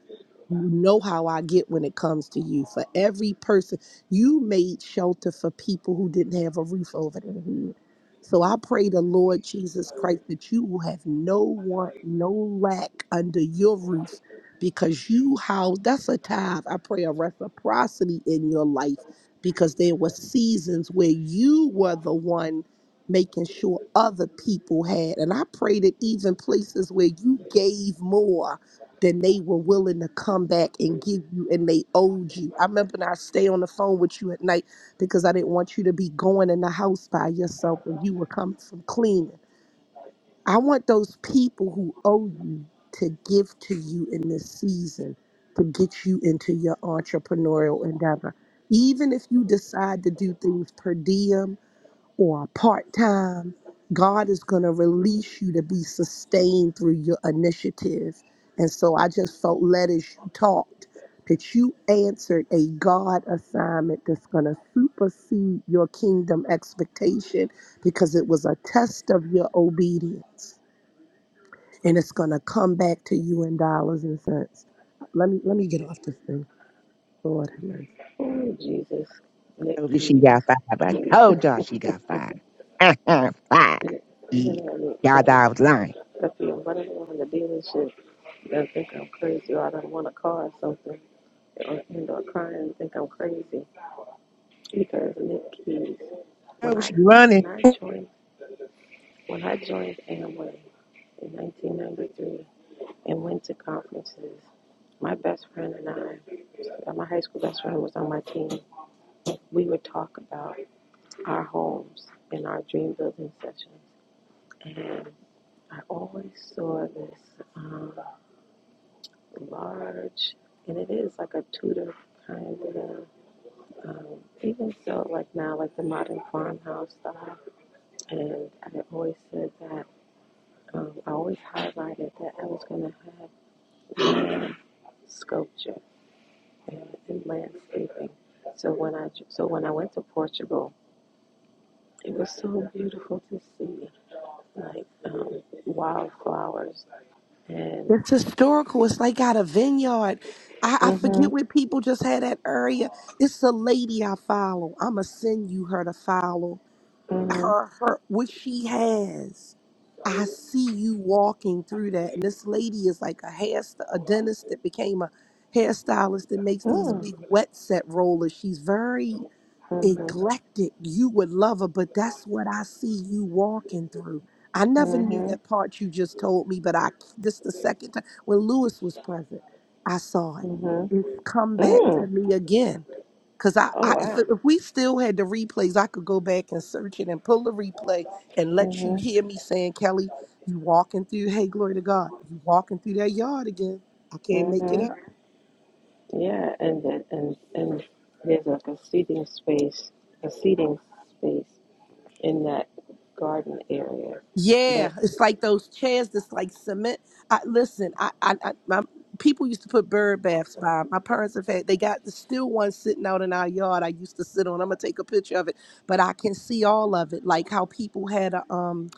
Speaker 8: You know how I get when it comes to you. For every person, you made shelter for people who didn't have a roof over their head. So I pray the Lord Jesus Christ that you will have no want, no lack under your roof because you house that's a tithe. I pray a reciprocity in your life because there were seasons where you were the one making sure other people had. And I pray that even places where you gave more than they were willing to come back and give you and they owed you. I remember when I stay on the phone with you at night because I didn't want you to be going in the house by yourself when you were coming from cleaning. I want those people who owe you to give to you in this season to get you into your entrepreneurial endeavor. Even if you decide to do things per diem or part time, God is going to release you to be sustained through your initiative. And so I just felt led as you talked that you answered a God assignment that's going to supersede your kingdom expectation because it was a test of your obedience and it's gonna come back to you in dollars and cents. Let me let me get off this thing. Lord have mercy.
Speaker 1: Oh, Jesus.
Speaker 9: I
Speaker 1: Nick
Speaker 9: told you she
Speaker 1: Keys.
Speaker 9: got five. I told y'all she got five. Uh-huh, five.
Speaker 1: And
Speaker 9: Yeah.
Speaker 1: then I mean,
Speaker 9: Y'all
Speaker 1: up,
Speaker 9: thought I was lying.
Speaker 1: up here running around the dealership. They think I'm crazy or I don't want a car or something. Or end up crying and think I'm crazy. Because Nick Keys, when
Speaker 9: Oh,
Speaker 1: I,
Speaker 9: she running
Speaker 1: when I joined, when I joined Amway in 1993 and went to conferences, my best friend and I, uh, my high school best friend was on my team. We would talk about our homes in our dream building sessions. I always saw this um, large, and it is like a Tudor kind of, um, even so, like now, like the modern farmhouse style. And I always said that um, I always highlighted that I was going to have land sculpture and, and landscaping. So when I so when I went to Portugal, it was so beautiful to see, like um, wildflowers and.
Speaker 8: It's historical. It's like out a vineyard. I, I
Speaker 1: hmm
Speaker 8: forget what people just had that area. It's a lady I follow. I'ma send you her to follow
Speaker 1: hmm
Speaker 8: her her what she has. I see you walking through that, and this lady is like a hair a dentist that became a hairstylist that makes these big wet set rollers. She's very
Speaker 1: Mm-hmm.
Speaker 8: Neglected, You would love her, but that's what I see you walking through. I never knew
Speaker 1: Mhm.
Speaker 8: that part you just told me, but I this the second time when Lewis was present, I saw it.
Speaker 1: Mhm.
Speaker 8: It's come back to
Speaker 1: Mm.
Speaker 8: me again. Cause I,
Speaker 1: Oh
Speaker 8: I if,
Speaker 1: wow.
Speaker 8: if we still had the replays, I could go back and search it and pull the replay and let you
Speaker 1: Mhm.
Speaker 8: hear me saying, Kelly, you walking through, hey, glory to God, you walking through that yard again. I can't make it
Speaker 1: Mhm.
Speaker 8: up.
Speaker 1: Yeah, and that and and there's like a seating space, a seating space in that garden area.
Speaker 8: Yeah,
Speaker 1: But
Speaker 8: it's like those chairs that's like cement. I listen. I, I, I my people used to put bird baths by. 'em. My parents have had. They got the still one sitting out in our yard. I used to sit on. I'm gonna take a picture of it, but I can see all of it, like how people had a um.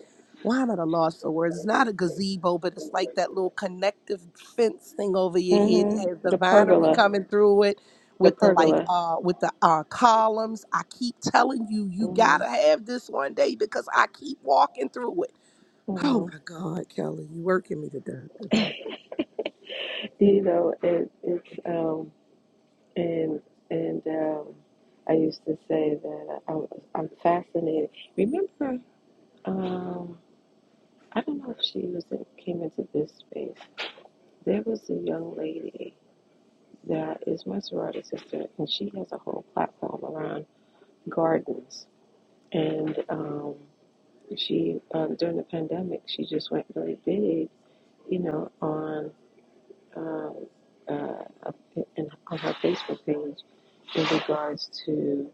Speaker 8: Why am I at a loss for words? It's not a gazebo, but it's like that little connective fence thing over your head that
Speaker 1: mhm.
Speaker 8: has the
Speaker 1: The
Speaker 8: vinery
Speaker 1: pergola,
Speaker 8: coming through it
Speaker 1: the
Speaker 8: with the like
Speaker 1: pergola.
Speaker 8: uh with the uh columns. I keep telling you, you
Speaker 1: Mhm.
Speaker 8: gotta have this one day because I keep walking through it. Oh
Speaker 1: Mhm.
Speaker 8: my God, Kelly, you working me to death To death.
Speaker 1: You know, it, it's um and and um I used to say that I, was- I'm fascinated. Remember, um, I don't know if she was in, came into this space. There was a young lady that is my sorority sister, and she has a whole platform around gardens. And um, she, um, during the pandemic, she just went really big, you know, on um, uh, uh, in, on her Facebook page in regards to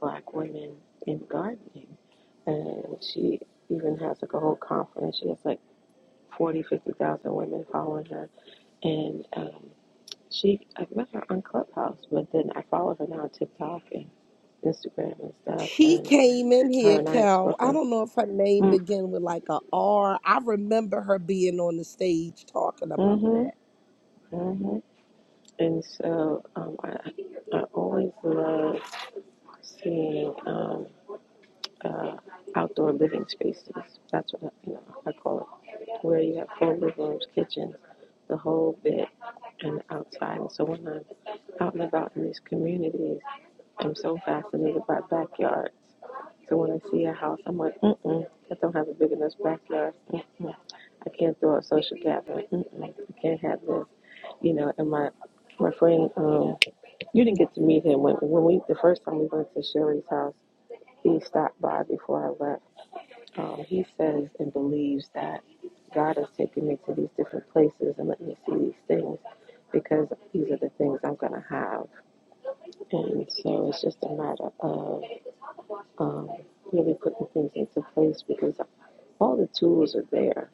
Speaker 1: Black women in gardening. And she even has like a whole conference. She has like 40, 50,000 women following her. And um, She, I met her on Clubhouse, but then I follow her now on TikTok and Instagram and stuff.
Speaker 8: She
Speaker 1: And
Speaker 8: came in
Speaker 1: her
Speaker 8: here,
Speaker 1: and I was
Speaker 8: Cal. I
Speaker 1: working.
Speaker 8: don't know if her name began with like a R. I remember her being on the stage talking about
Speaker 1: Mm-hmm.
Speaker 8: that.
Speaker 1: Mm-hmm. And so um, I, I always love seeing um, uh, outdoor living spaces. That's what I, you know, I call it, where you have full living rooms, kitchens, the whole bit, and outside. And so when I'm out and about in these communities, I'm so fascinated by backyard So when I see a house, I'm like, mm-mm, I don't have a big enough backyard. Mm-mm. I can't throw a social gathering. Mm-mm. I can't have this. You know, and my my friend, um, you didn't get to meet him when when we the first time we went to Sherry's house. He stopped by before I left. Um, he says and believes that God has taken me to these different places and let me see these things because these are the things I'm gonna have. And so it's just a matter of um, really putting things into place because all the tools are there.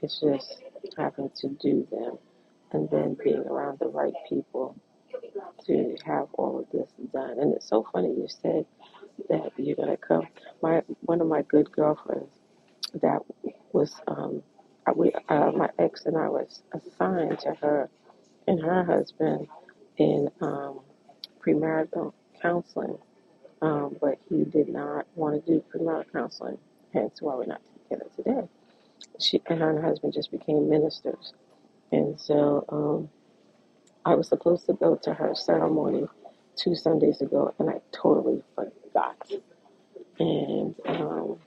Speaker 1: It's just having to do them and then being around the right people to have all of this done. And it's so funny you said that you're gonna come. My one of my good girlfriends that was um, I- we uh, my ex and I was assigned to her and her husband in um, premarital counseling um, but he did not want to do premarital counseling, hence why we're not together today. She and her and her husband just became ministers, and so um, I was supposed to go to her ceremony two Sundays ago, and I totally forgot. And um,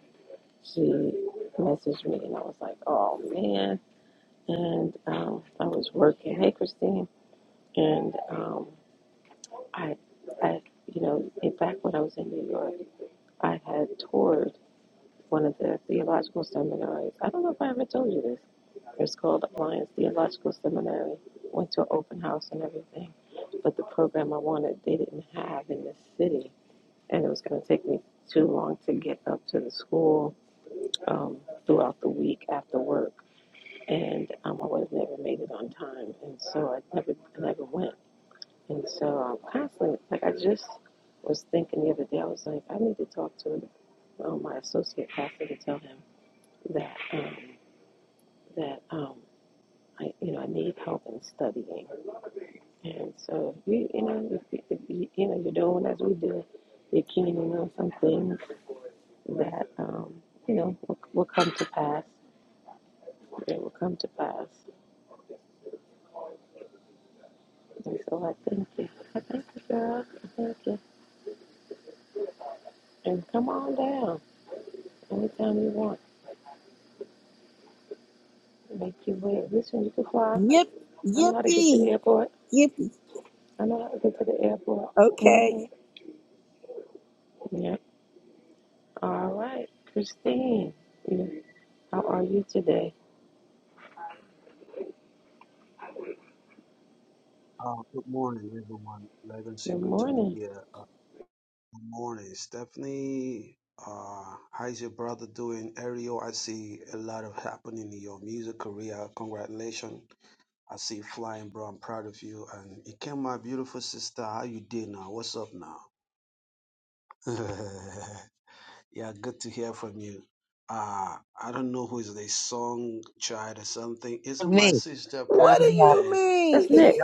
Speaker 1: she messaged me, and I was like, "Oh man!" And um, I was working. Hey, Christine, and um, I, I, you know, in back when I was in New York, I had toured. one of the theological seminaries. I don't know if I ever told you this. It's called Alliance Theological Seminary. Went to an open house and everything. But the program I wanted, they didn't have in the city. And it was going to take me too long to get up to the school um, throughout the week after work. And um, I would have never made it on time. And so I never, I never went. And so I'm constantly, like, I just was thinking the other day, I was like, I need to talk to um, my associate pastor to tell him that. Um, that um, I, you know, I need help in studying. And so, if you, you know, if, you- if you, you know, you're doing as we do, you're keen on some things that, um, you know, will, will come to pass. It will come to pass. And so, I thank you. I thank you, girl. I thank you. And come on down anytime you want. Make your way. Listen, you can fly.
Speaker 8: Yip,
Speaker 1: I know how to get to the
Speaker 8: yippee,
Speaker 1: airport.
Speaker 8: yippee.
Speaker 1: I know how to get to the airport.
Speaker 8: Okay.
Speaker 1: hmm Yeah. All right, Christine. You, know, how are you today?
Speaker 10: Uh, good morning, everyone. Legacy,
Speaker 1: Good
Speaker 10: good to be
Speaker 1: morning.
Speaker 10: here. Good morning, Stephanie. Uh, how's your brother doing? Ariel, I see a lot of happening in your music career. Congratulations. I see you flying, bro. I'm proud of you. And it came my beautiful sister. How you doing now? What's up now? yeah, good to hear from you. Uh, I don't know who is the song child or something.
Speaker 9: from
Speaker 10: Isn't my
Speaker 9: me.
Speaker 10: sister
Speaker 9: Y'all thought-
Speaker 8: What do
Speaker 9: I
Speaker 10: prophet?
Speaker 9: was
Speaker 8: you
Speaker 10: uh,
Speaker 8: mean?
Speaker 1: That's Nick.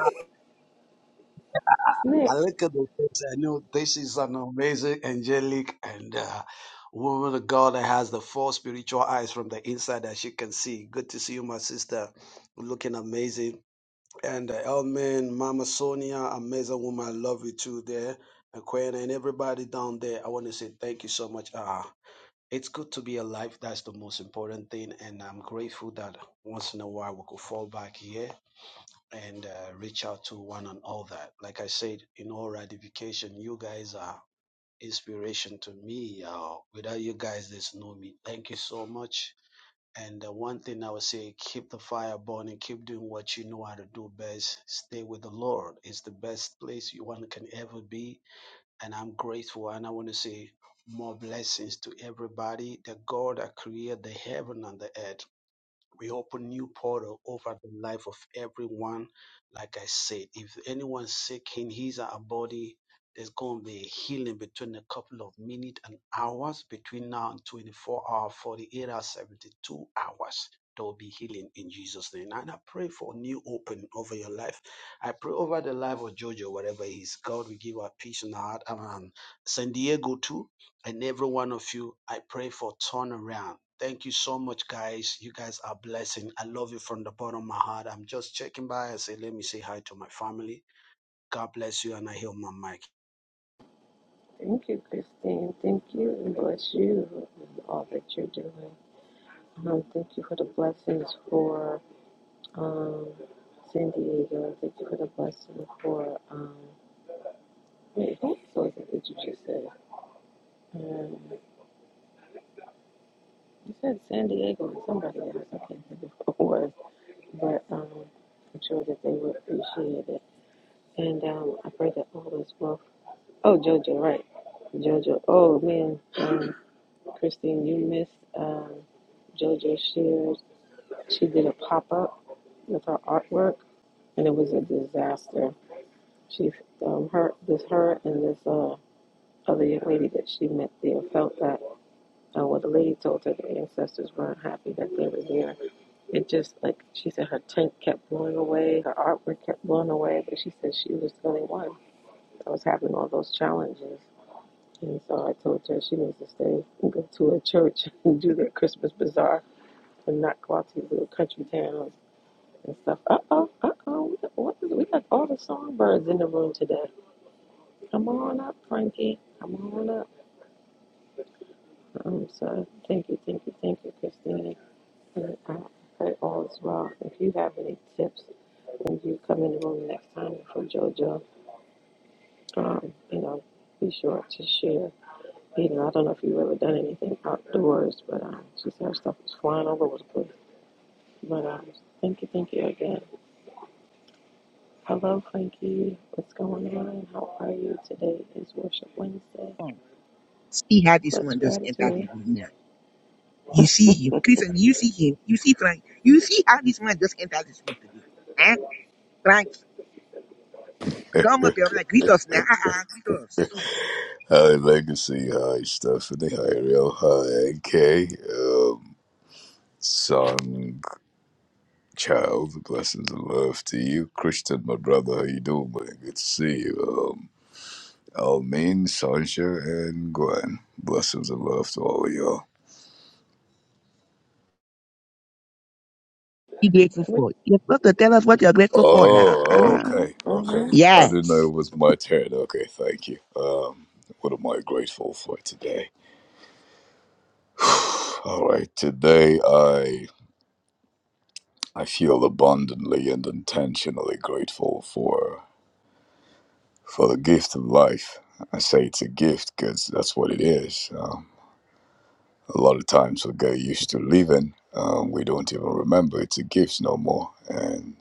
Speaker 1: It's
Speaker 10: I
Speaker 1: Nick.
Speaker 10: look at the text, I know this is an amazing angelic and uh, woman of God that has the four spiritual eyes from the inside that she can see. Good to see you, my sister. Looking amazing. And uh, Elman, Mama Sonia, amazing woman. I love you too there. And Quinn and everybody down there. I want to say thank you so much. Uh, it's good to be alive. That's the most important thing. And I'm grateful that once in a while we could fall back here and uh, reach out to one and all that. Like I said, in all ratification, you guys are inspiration to me. Uh, without you guys, there's no me. Thank you so much. And uh, one thing I would say, keep the fire burning, keep doing what you know how to do best. Stay with the Lord. It's the best place you one can ever be. And I'm grateful. And I want to say more blessings to everybody. The God that created the heaven and the earth we open new portal over the life of everyone. Like I said, if anyone's sick in his or her body, there's going to be a healing between a couple of minutes and hours, between now and 24 hours, 48 hours, 72 hours. There will be healing in Jesus' name. And I pray for new opening over your life. I pray over the life of Jojo, wherever he's. God we give her peace in her heart. And um, San Diego too and every one of you, I pray for turnaround. Thank you so much, guys. You guys are blessing. I love you from the bottom of my heart. I'm just checking by. I say, let me say hi to my family. God bless you, and I heal my mic.
Speaker 1: Thank you, Christine. Thank you and bless you and all that you're doing. Um, thank you for the blessings for um, San Diego. Thank you for the blessing for um, wait, who was it that you just said? Um, you said San Diego and somebody else. I can't think of who it was, but um, I'm sure that they would appreciate it. And um, I pray that all is well. Oh, JoJo, right? JoJo. Oh man. Um, Christine, you missed um, JoJo Shears. She did a pop up with her artwork, and it was a disaster. She, um, her, this her and this uh, other young lady that she met there felt that uh, well, the lady told her the ancestors weren't happy that they were there. It just like she said, her tent kept blowing away, her artwork kept blowing away, but she said she was the only one that was having all those challenges. And so I told her she needs to stay and go to a church and do their Christmas bazaar And not go out to these little country towns and stuff. Uh oh, uh oh. What is, it? we got all the songbirds in the room today. Come on up, Frankie. Come on up. Um, so thank you, thank you, thank you, Christina. And I pray all is well. If you have any tips when you come in the room next time for JoJo, um, you know, be sure to share. You know, I don't know if you've ever done anything outdoors, but um, she said her stuff was flying all over the place. But um, thank you, thank you again. Hello, Frankie. What's going on? How are you today? Is Worship Wednesday
Speaker 9: lying. See how this
Speaker 1: plus
Speaker 9: one just entered the
Speaker 1: gratitude.
Speaker 9: room now. You see him. Christian, you see him. You see Frank. You see how this one just entered this room today. Huh? Frank, come up here. I'm like, greet us now. Uh-uh, greet us.
Speaker 11: High Legacy, High Stephanie, High Real, High NK, um, Son, Child, blessings and love to you. Christian, my brother, how you doing, man? Good to see you. Um, Almin, Sanja, and Gwen, blessings and love to all of y'all.
Speaker 9: Be grateful for. You're supposed to tell us what you're grateful for now.
Speaker 11: Oh, oh,
Speaker 9: Uh-uh.
Speaker 1: Mm-hmm.
Speaker 11: okay, okay.
Speaker 1: Mm-hmm.
Speaker 11: I didn't know
Speaker 9: Yes.
Speaker 11: it was my turn. Okay, thank you. Um, what am I grateful for today? All right, today I feel abundantly and intentionally grateful for for the gift of life. I say it's a gift because that's what it is. Um, a lot of times we get used to living, um, we don't even remember it's a gift no more. And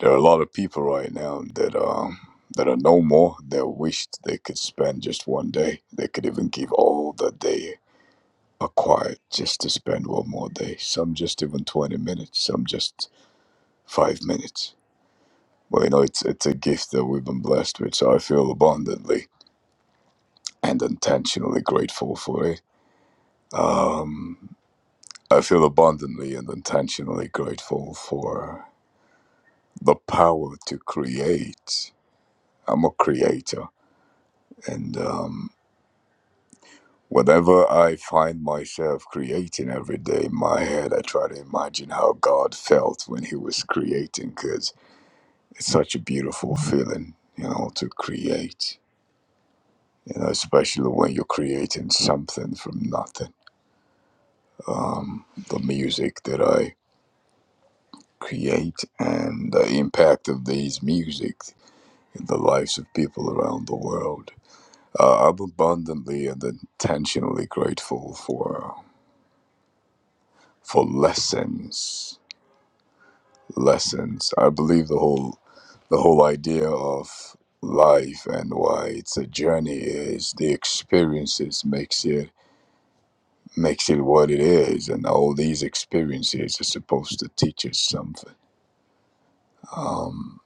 Speaker 11: there are a lot of people right now that um, that are no more that wished they could spend just one day. They could even give all that they acquired just to spend one more day. Some just even twenty minutes. Some just five minutes Well, you know, it's it's a gift that we've been blessed with, so I feel abundantly and intentionally grateful for it. Um, I feel abundantly and intentionally grateful for the power to create. I'm a creator, and um, whenever I find myself creating every day in my head, I try to imagine how God felt when He was creating, because it's such a beautiful feeling, you know, to create you know, especially when you're creating something from nothing. Um, the music that I create and the impact of these music in the lives of people around the world. Uh, I'm abundantly and intentionally grateful for for lessons. Lessons. I believe the whole the whole idea of life and why it's a journey is the experiences makes you makes it what it is. And all these experiences are supposed to teach us something. Um,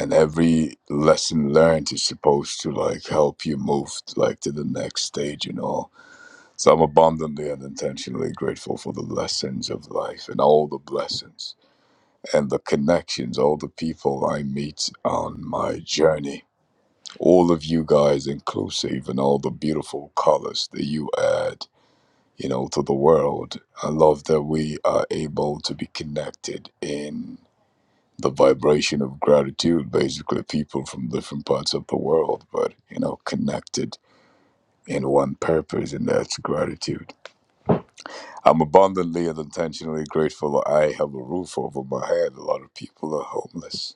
Speaker 11: and every lesson learned is supposed to like help you move like to the next stage and all. So I'm abundantly and intentionally grateful for the lessons of life and all the blessings and the connections, all the people I meet on my journey. All of you guys inclusive and all the beautiful colors that you add you know, to the world. I love that we are able to be connected in the vibration of gratitude, basically, people from different parts of the world, but, you know, connected in one purpose, and that's gratitude. I'm abundantly and intentionally grateful that I have a roof over my head. A lot of people are homeless.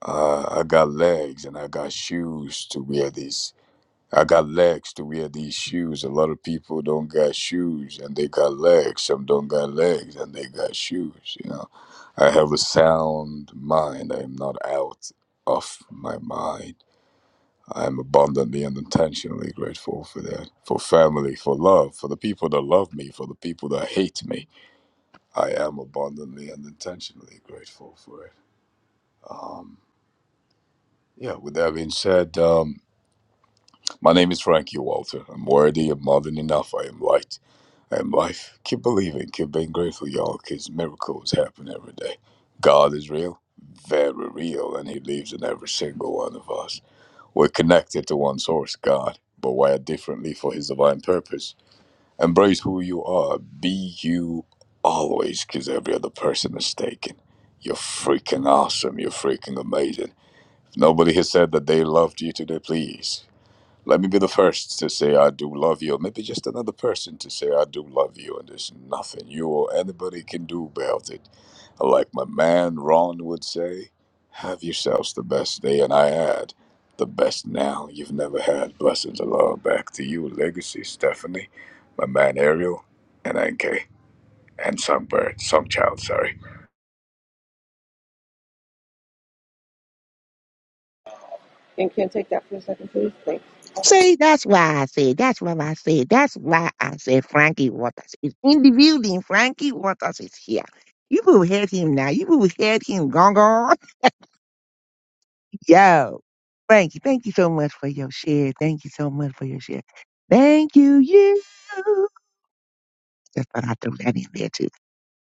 Speaker 11: Uh, I got legs and I got shoes to wear these I got legs to wear these shoes. A lot of people don't got shoes and they got legs. Some don't got legs and they got shoes. You know, I have a sound mind. I am not out of my mind. I am abundantly and intentionally grateful for that. For family, for love, for the people that love me, for the people that hate me. I am abundantly and intentionally grateful for it. Um, yeah, with that being said, um, my name is Frankie Walter. I'm worthy of more than enough. I am light. And life, keep believing, keep being grateful, y'all, because miracles happen every day. God is real, very real, and He lives in every single one of us. We're connected to one source, God, but wired differently for His divine purpose. Embrace who you are. Be you always, because every other person is taken. You're freaking awesome. You're freaking amazing. If nobody has said that they loved you today, please. Let me be the first to say I do love you, or maybe just another person to say I do love you, and there's nothing you or anybody can do about it. Like my man Ron would say, have yourselves the best day, and I had the best now you've never had. Blessings of love back to you, Legacy Stephanie, my man Ariel, and NK, and Songbird, Songchild, sorry.
Speaker 1: And can you take that for a second, please? Thank
Speaker 9: See, that's why I said, that's what I said, that's why I said Frankie Waters is in the building. Frankie Waters is here. You will heard him now. You will heard him Gong, gong, Yo. Thank you. Thank you so much for your share. Thank you so much for your share. Thank you, you. Just thought I'd throw that in there too.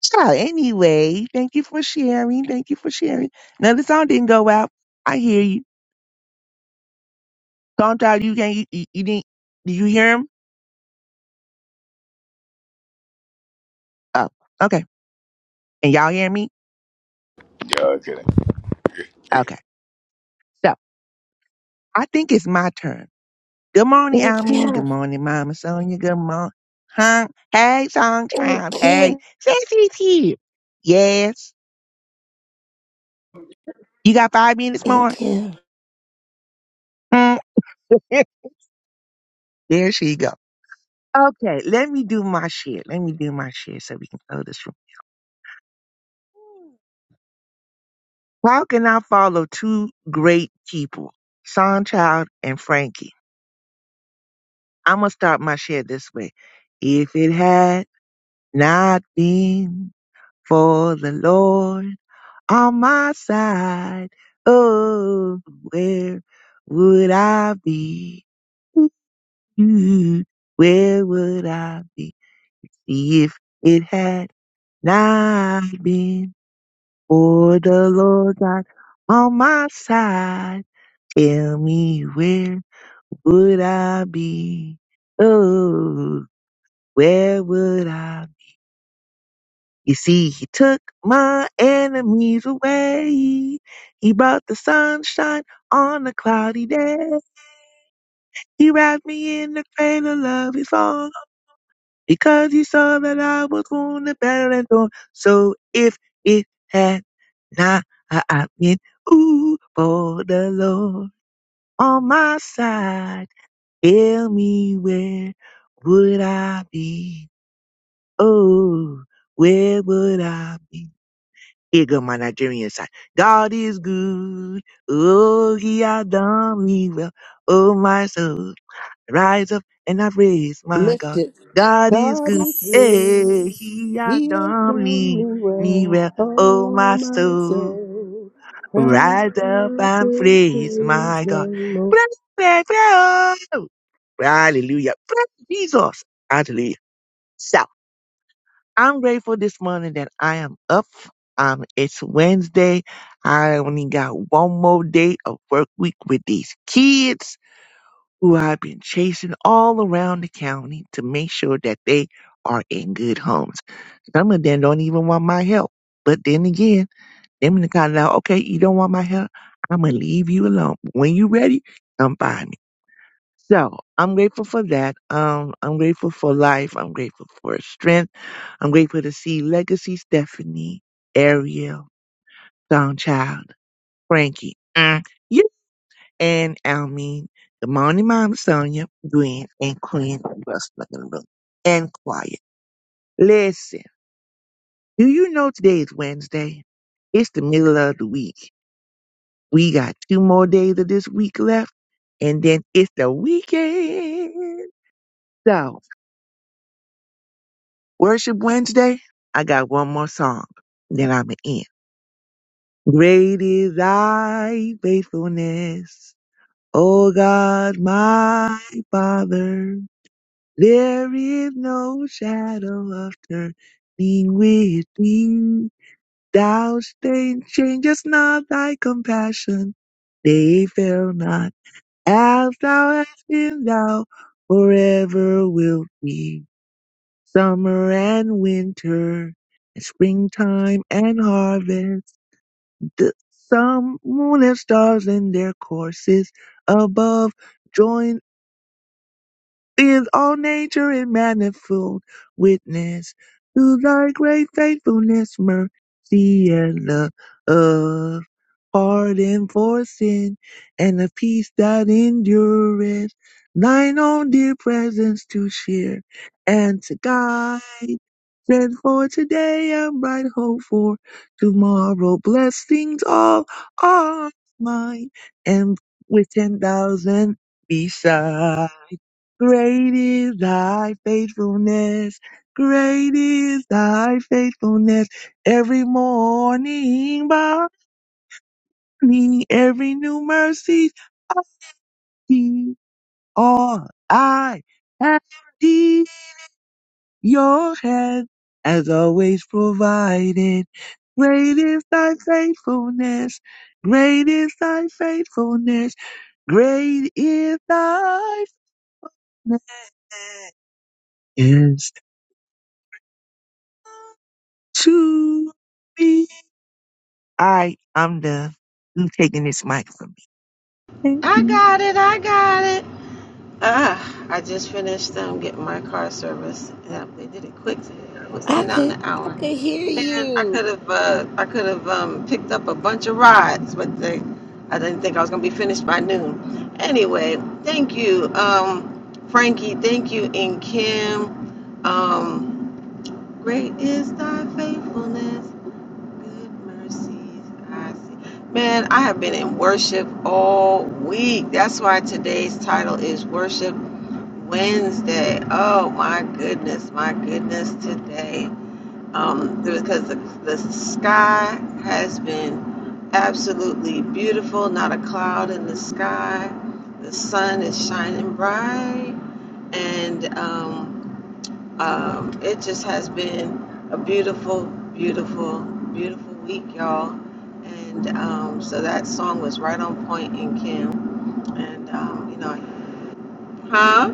Speaker 9: So anyway, thank you for sharing. Thank you for sharing. Now the song didn't go out. I hear you. Don't you can't you, you, you didn't did you hear him? Oh, okay. And y'all hear me?
Speaker 11: Yeah, kidding.
Speaker 9: Okay. So, I think it's my turn. Good morning,
Speaker 8: Thank
Speaker 9: Almin.
Speaker 8: you.
Speaker 9: Good morning, Mama Sonia. Good morning. Huh? Hey, song
Speaker 8: Thank
Speaker 9: child. Hey,
Speaker 8: you.
Speaker 9: Sassy's here. Yes. You got five minutes more?
Speaker 8: Thank you.
Speaker 9: Hmm. there she go. Okay, let me do my shit. Let me do my shit so we can close this room. How can I follow two great people, song child and Frankie? I'm going to start my share this way. If it had not been for the Lord on my side. Oh, where would I be? Ooh, Where would I be if it had not been for the Lord God on my side? Tell me where would I be? Oh, where would I You see, he took my enemies away. He brought the sunshine on a cloudy day. He wrapped me in the cradle of his arms because he saw that I was wounded, battered, and torn. So if it had not been ooh for the Lord on my side, tell me where would I be? Oh, where would I be? Ego, my Nigerian side. God is good. Oh, he has done me well. Oh, my soul, rise up and I praise my
Speaker 8: Lift
Speaker 9: God.
Speaker 8: it.
Speaker 9: God is
Speaker 8: God
Speaker 9: good.
Speaker 8: is
Speaker 9: Hey,
Speaker 8: good.
Speaker 9: he has
Speaker 8: He has
Speaker 9: done
Speaker 8: done
Speaker 9: me,
Speaker 8: me
Speaker 9: me well.
Speaker 8: well.
Speaker 9: Oh,
Speaker 8: Oh,
Speaker 9: my
Speaker 8: my
Speaker 9: soul,
Speaker 8: soul. Rise
Speaker 9: rise up
Speaker 8: up
Speaker 9: and
Speaker 8: and
Speaker 9: praise
Speaker 8: praise
Speaker 9: my God.
Speaker 8: the Lord.
Speaker 9: Praise, praise, praise. Hallelujah. Praise Jesus. Hallelujah. I'm grateful this morning that I am up. Um, it's Wednesday. I only got one more day of work week with these kids who I've been chasing all around the county to make sure that they are in good homes. Some of them don't even want my help. But then again, them in the kind of, okay, you don't want my help. I'm going to leave you alone. When you ready, come by so I'm grateful for that. Um, I'm grateful for life. I'm grateful for strength. I'm grateful to see Legacy, Stephanie, Ariel, Songchild, Frankie, mm, you, and Almeen, the morning mom, Sonia, Gwen, and Quinn, Russell in the room, and Quiet. Listen, do you know today is Wednesday? It's the middle of the week. We got two more days of this week left, and then it's the weekend. So. Worship Wednesday, I got one more song. Then I'm going to end. Great is thy faithfulness, O God, my Father. There is no shadow of turning with thee. Thou stain- changest not thy compassion. They fail not. As thou hast been, thou forever wilt be. Summer and winter, and springtime and harvest, the sun, moon, and stars in their courses above join with all nature in manifold witness to thy great faithfulness, mercy, and love. Pardon for sin and a peace that endureth, thine own dear presence to share and to guide. And for today i bright hope for tomorrow. Blessings all are mine. And with 10,000 beside. Great is thy faithfulness. Great is thy faithfulness. Every morning by me, every new mercy I see. All I have Your hand has always provided. Great is thy faithfulness. Great is thy faithfulness. Great is thy faithfulness to me. All right, I'm done. I'm taking this mic from me. Thank
Speaker 1: I
Speaker 9: you.
Speaker 1: got it. I got it. Ah, I just finished um, getting my car service. Yeah, they did it quick. It was in
Speaker 8: I
Speaker 1: and out in
Speaker 8: could
Speaker 1: an
Speaker 8: I
Speaker 1: hour.
Speaker 8: could hear
Speaker 1: Man, I
Speaker 8: you.
Speaker 1: could have uh, I could have um, picked up a bunch of rides, but they, I didn't think I was gonna be finished by noon. Anyway, thank you, um, Frankie. Thank you, and Kim. Um, Great is thy faithfulness, good mercies I see. Man, I have been in worship all week. That's why today's title is Worship Wednesday. Oh my goodness, my goodness, today um, it was because the, the sky has been absolutely beautiful, not a cloud in the sky. The sun is shining bright, and um, um, it just has been a beautiful, beautiful, beautiful week, y'all. And um, so that song was right on point in Kim. And um, you know, huh?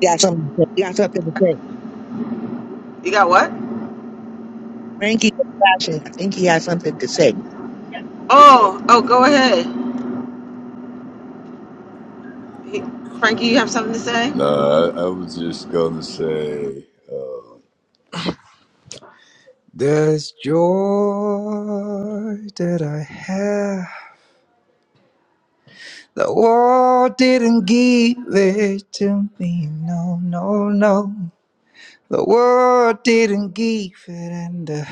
Speaker 9: He got something. To say. He got something to say.
Speaker 1: You got what?
Speaker 9: Frankie is flashing. I think he has something to say.
Speaker 1: Oh, oh, go ahead. He, Frankie, you have something to say?
Speaker 11: No, I, I was just gonna say. There's joy that I have. The world didn't give it to me. No, no, no. The world didn't give it, and the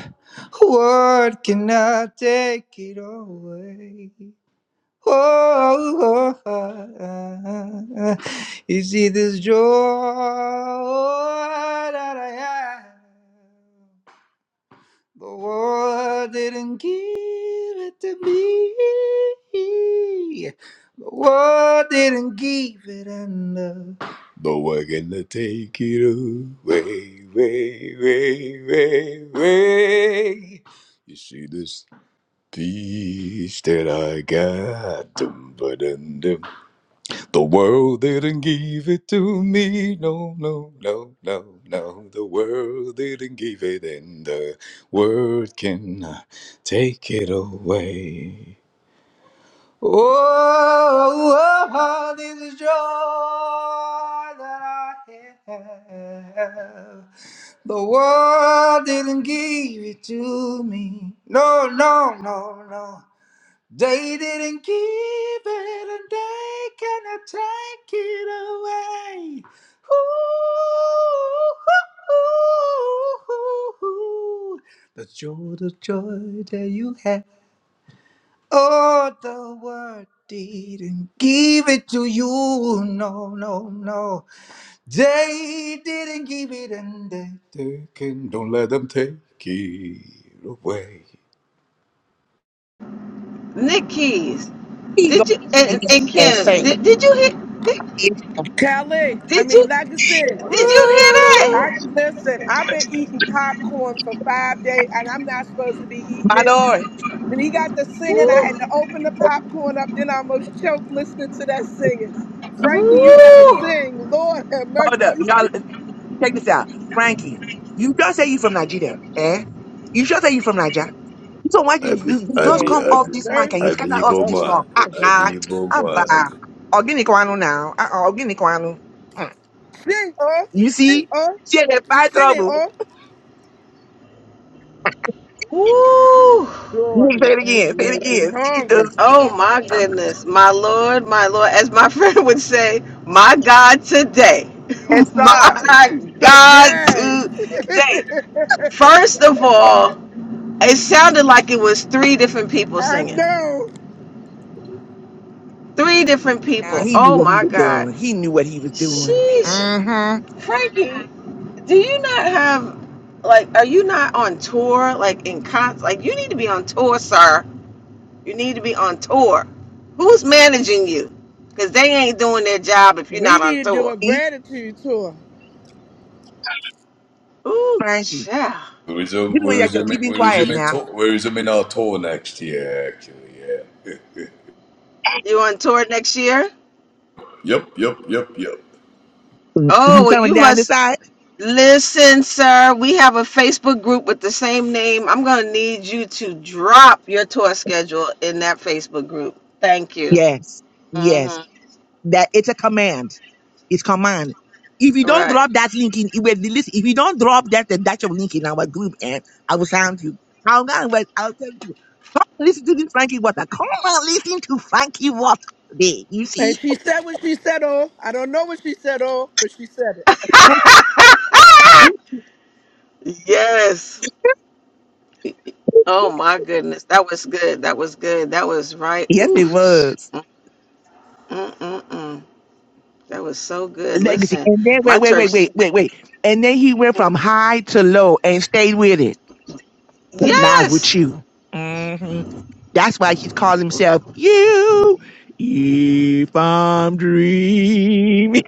Speaker 11: world cannot take it away. Oh, oh, oh. you see, this joy that I have. The world didn't give it to me. The world didn't give it enough. No one to take it away, way, way, way, way. You see this peace that I got, the world didn't give it to me. No, no, no, no, no. The world didn't give it, and the world can take it away. Oh, oh, oh, this is joy that I have. The world didn't give it to me. No, no, no, no. They didn't give it and they cannot take it away. Ooh, the joy, the joy that you have. Oh, the world didn't give it to you. No, no, no. They didn't give it and they take it. Don't let them take it away.
Speaker 1: Nick Keys,
Speaker 9: He go
Speaker 1: did you
Speaker 9: and
Speaker 1: and,
Speaker 9: just-
Speaker 1: and
Speaker 9: and
Speaker 1: Kim,
Speaker 9: say,
Speaker 1: did, did you hear did,
Speaker 9: it.
Speaker 8: Kelly, I
Speaker 1: did you
Speaker 8: mean, like I said,
Speaker 1: did you hear
Speaker 4: Woo!
Speaker 8: I
Speaker 1: that?
Speaker 8: listen. I've been eating popcorn for five days, and I'm not supposed to be eating it. Then he got the singing. I had to open the popcorn up, then I almost choked listening to that singing. Frankie, you better sing. Lord have
Speaker 9: Hold up,
Speaker 8: mercy.
Speaker 9: y'all. Check this out, Frankie. You just say you from Nigeria, eh? You just say you from Nigeria. So why you,
Speaker 11: I be,
Speaker 9: you you
Speaker 11: I
Speaker 9: just
Speaker 8: Lord,
Speaker 11: be,
Speaker 9: come
Speaker 11: I
Speaker 9: off
Speaker 11: be,
Speaker 9: this mic and
Speaker 8: mercy.
Speaker 9: you
Speaker 11: I
Speaker 9: scatter
Speaker 11: be
Speaker 9: off
Speaker 11: Igbo
Speaker 8: I'm
Speaker 9: this
Speaker 8: like,
Speaker 9: song?
Speaker 11: man.
Speaker 9: Ah,
Speaker 11: I
Speaker 9: nah,
Speaker 11: be Igbo
Speaker 9: ah,
Speaker 11: man.
Speaker 9: bah. Organic one now. Ah, uh, organic one. Mm.
Speaker 8: sing, oh,
Speaker 9: You
Speaker 8: sing,
Speaker 9: see,
Speaker 8: oh.
Speaker 9: she had that
Speaker 8: He's
Speaker 9: fight
Speaker 8: singing,
Speaker 9: trouble.
Speaker 8: oh.
Speaker 1: Woo!
Speaker 9: You need to say
Speaker 8: Lord,
Speaker 9: it
Speaker 8: it
Speaker 9: again. Say it
Speaker 8: made me
Speaker 9: again.
Speaker 8: hungry.
Speaker 1: Oh
Speaker 9: Jesus,
Speaker 1: my goodness, my Lord, my Lord, as my friend would say, my God today.
Speaker 9: that's up.
Speaker 1: my
Speaker 8: So,
Speaker 1: God
Speaker 8: Jazz,
Speaker 1: today. First of all, it sounded like it was three different people
Speaker 8: I
Speaker 1: singing.
Speaker 8: know
Speaker 1: Three different
Speaker 9: Now
Speaker 1: people.
Speaker 9: he knew
Speaker 1: Oh
Speaker 9: what he
Speaker 1: my
Speaker 9: was
Speaker 1: God.
Speaker 9: doing. He knew what he was doing.
Speaker 1: Sheesh.
Speaker 9: Mm-hmm.
Speaker 1: Frankie. Do you not have like are you not on tour like in cons like you need to be on tour, sir. You need to be on tour. Who's managing you? Cause they ain't doing their job if you're
Speaker 8: we
Speaker 1: not on
Speaker 8: need to do a
Speaker 1: tour.
Speaker 9: See,
Speaker 8: gratitude tour.
Speaker 1: Ooh,
Speaker 9: Frankie,
Speaker 1: yeah.
Speaker 11: We
Speaker 9: this
Speaker 11: resume, we
Speaker 9: way that you're
Speaker 11: resume,
Speaker 9: keeping
Speaker 11: we
Speaker 9: quiet
Speaker 11: resume,
Speaker 9: now.
Speaker 11: tour, we resume our tour next year. Actually, yeah.
Speaker 1: You on tour next year?
Speaker 11: Yep, yep, yep, yep.
Speaker 9: Mm, You
Speaker 1: Oh well
Speaker 9: coming
Speaker 1: you
Speaker 9: down this
Speaker 1: must
Speaker 9: side?
Speaker 1: listen, sir. We have a Facebook group with the same name. I'm gonna need you to drop your tour schedule in that Facebook group. Thank you.
Speaker 9: Yes. Yes.
Speaker 1: Mm-hmm.
Speaker 9: That it's a command. It's command. If you don't
Speaker 1: Right.
Speaker 9: drop that link in, if the list, if you don't drop that the Dutch of link in our group, and I will sound you. I'll go and wait. I'll tell you. Come and listen to this Frankie Water. Come and listen to Frankie Water today. You
Speaker 8: And
Speaker 9: see?
Speaker 8: she said what she said, oh. I don't know what she said, oh, but she said it.
Speaker 1: yes. Oh my goodness, that was good. That was good. That was right.
Speaker 9: yes, it
Speaker 1: Oof.
Speaker 9: was
Speaker 1: Mm, mm, mm, mm. That was so good.
Speaker 9: legacy.
Speaker 1: Listen,
Speaker 9: And then wait,
Speaker 1: my
Speaker 9: wait, wait,
Speaker 1: church.
Speaker 9: wait,
Speaker 1: Just,
Speaker 9: wait, wait. And then he went from high to low and stayed with it. but not with
Speaker 1: yes.
Speaker 9: you. hmm That's why he calls himself you. If I'm dreaming,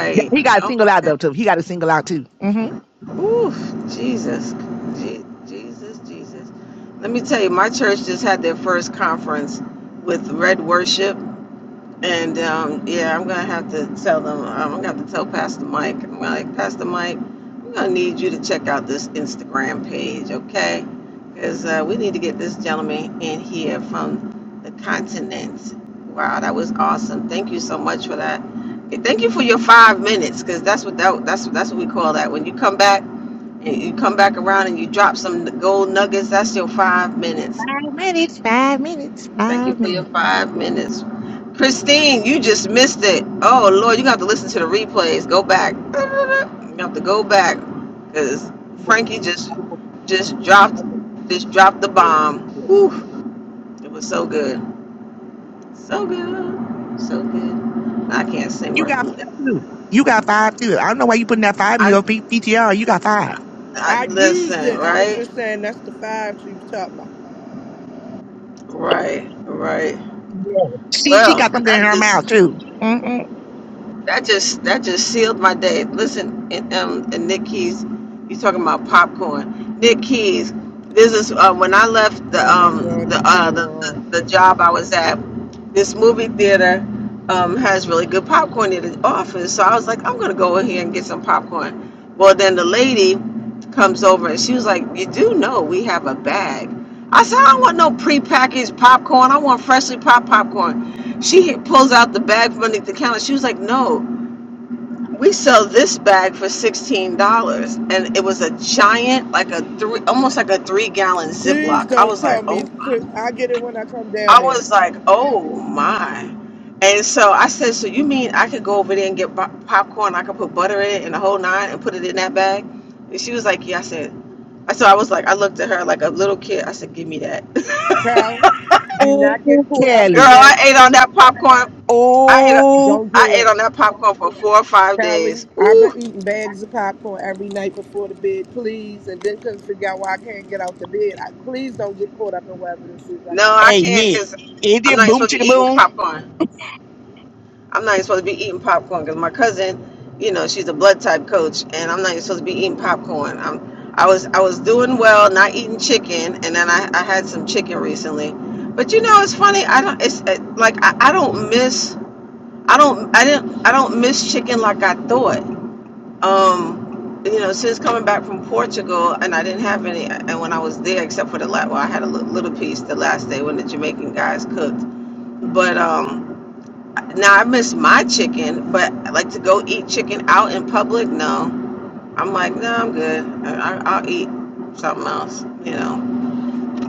Speaker 9: yeah, he got to
Speaker 1: Oh
Speaker 9: single out
Speaker 1: my
Speaker 9: though too. He got to single out too. hmm
Speaker 1: God. Oof. Jesus. Je- Jesus. Jesus. Let me tell you, my church just had their first conference with Red Worship. And um, yeah, I'm gonna have to tell them. Um, I'm gonna have to tell Pastor Mike. I'm like Pastor Mike. I'm gonna need you to check out this Instagram page, okay? Because uh, we need to get this gentleman in here from the continent. Wow, that was awesome. Thank you so much for that. And thank you for your five minutes, because that's what that, that's that's what we call that. When you come back and you come back around and you drop some gold nuggets, that's your five minutes.
Speaker 9: Five minutes, five minutes,
Speaker 1: Thank you
Speaker 9: five
Speaker 1: for your
Speaker 9: minutes.
Speaker 1: five minutes. Christine, you just missed it. Oh, Lord, you have to listen to the replays. Go back. You have to go back because Frankie just just dropped just dropped the bomb. Whew, it was so good. So good. So good. I can't sing
Speaker 9: You
Speaker 1: worth
Speaker 9: got
Speaker 1: a lick.
Speaker 9: five too. You got five too. I don't know why you putting that five in
Speaker 1: I,
Speaker 9: your P- PTR. You got five.
Speaker 1: I
Speaker 8: I used
Speaker 1: listen,
Speaker 8: it. I was
Speaker 1: right?
Speaker 8: just saying that's the five she was talking about.
Speaker 1: Right, right.
Speaker 9: See, she got
Speaker 1: Well,
Speaker 9: something in
Speaker 1: that
Speaker 9: her
Speaker 1: just
Speaker 9: mouth too. Mm-mm.
Speaker 1: That just that just sealed my day. Listen, and, um, and Nick Keys, you talking about popcorn? Nick Keys, this is uh, when I left the
Speaker 8: Oh my
Speaker 1: um
Speaker 8: God,
Speaker 1: the
Speaker 8: it's so
Speaker 1: uh the,
Speaker 8: wrong.
Speaker 1: the, the job I was at. This movie theater um has really good popcorn in the office, so I was like, I'm gonna go in here and get some popcorn. Well, then the lady comes over and she was like, You do know we have a bag. I said, I don't want no prepackaged popcorn. I want freshly popped popcorn. She pulls out the bag from underneath the counter. She was like, No. We sell this bag for sixteen dollars, and it was a giant, like a three, almost like a three-gallon
Speaker 8: Please
Speaker 1: Ziploc. I
Speaker 8: don't
Speaker 1: was like,
Speaker 8: tell me.
Speaker 1: oh,
Speaker 8: pl- I get it when I come down
Speaker 1: I
Speaker 8: there.
Speaker 1: was like, oh my. And so I said, so you mean I could go over there and get bo- popcorn? I could put butter in it and the whole nine, and put it in that bag. And she was like, yeah. I said, I so I was like, I looked at her like a little kid. I said, give me that,
Speaker 8: Cal, do not get
Speaker 9: Oh,
Speaker 8: caught up
Speaker 1: girl.
Speaker 8: in
Speaker 9: Kelly.
Speaker 8: this.
Speaker 1: I ate on that popcorn. I ate,
Speaker 9: Oh,
Speaker 8: Don't
Speaker 1: I
Speaker 8: do
Speaker 1: ate
Speaker 8: it.
Speaker 1: on that popcorn for four or five days.
Speaker 8: Callie, I've
Speaker 1: Ooh.
Speaker 8: been eating bags of popcorn every night before the bed, please, and then couldn't figure out why I can't get out the bed. I, please don't get caught up in whatever this is I
Speaker 1: No,
Speaker 8: got
Speaker 1: I
Speaker 9: hey
Speaker 8: going on.
Speaker 1: can't
Speaker 9: Nick.
Speaker 1: because
Speaker 9: Is
Speaker 1: I'm
Speaker 9: it
Speaker 1: not
Speaker 9: boom
Speaker 1: supposed to be
Speaker 9: chicka
Speaker 1: eating popcorn. I'm not even supposed to be eating popcorn because my cousin, you know, she's a blood type coach, and I'm not even supposed to be eating popcorn. I'm, I was I was doing well, not eating chicken, and then I, I had some chicken recently. But you know, it's funny. I don't. It's uh, like I, I don't miss. I don't. I didn't. I don't miss chicken like I thought. Um, you know, since coming back from Portugal, and I didn't have any. And when I was there, except for the last, well, I had a li- little piece the last day when the Jamaican guys cooked but um, now I miss my chicken. But like to go eat chicken out in public, no. I'm like, no, I'm good. I, I, I'll eat something else, you know.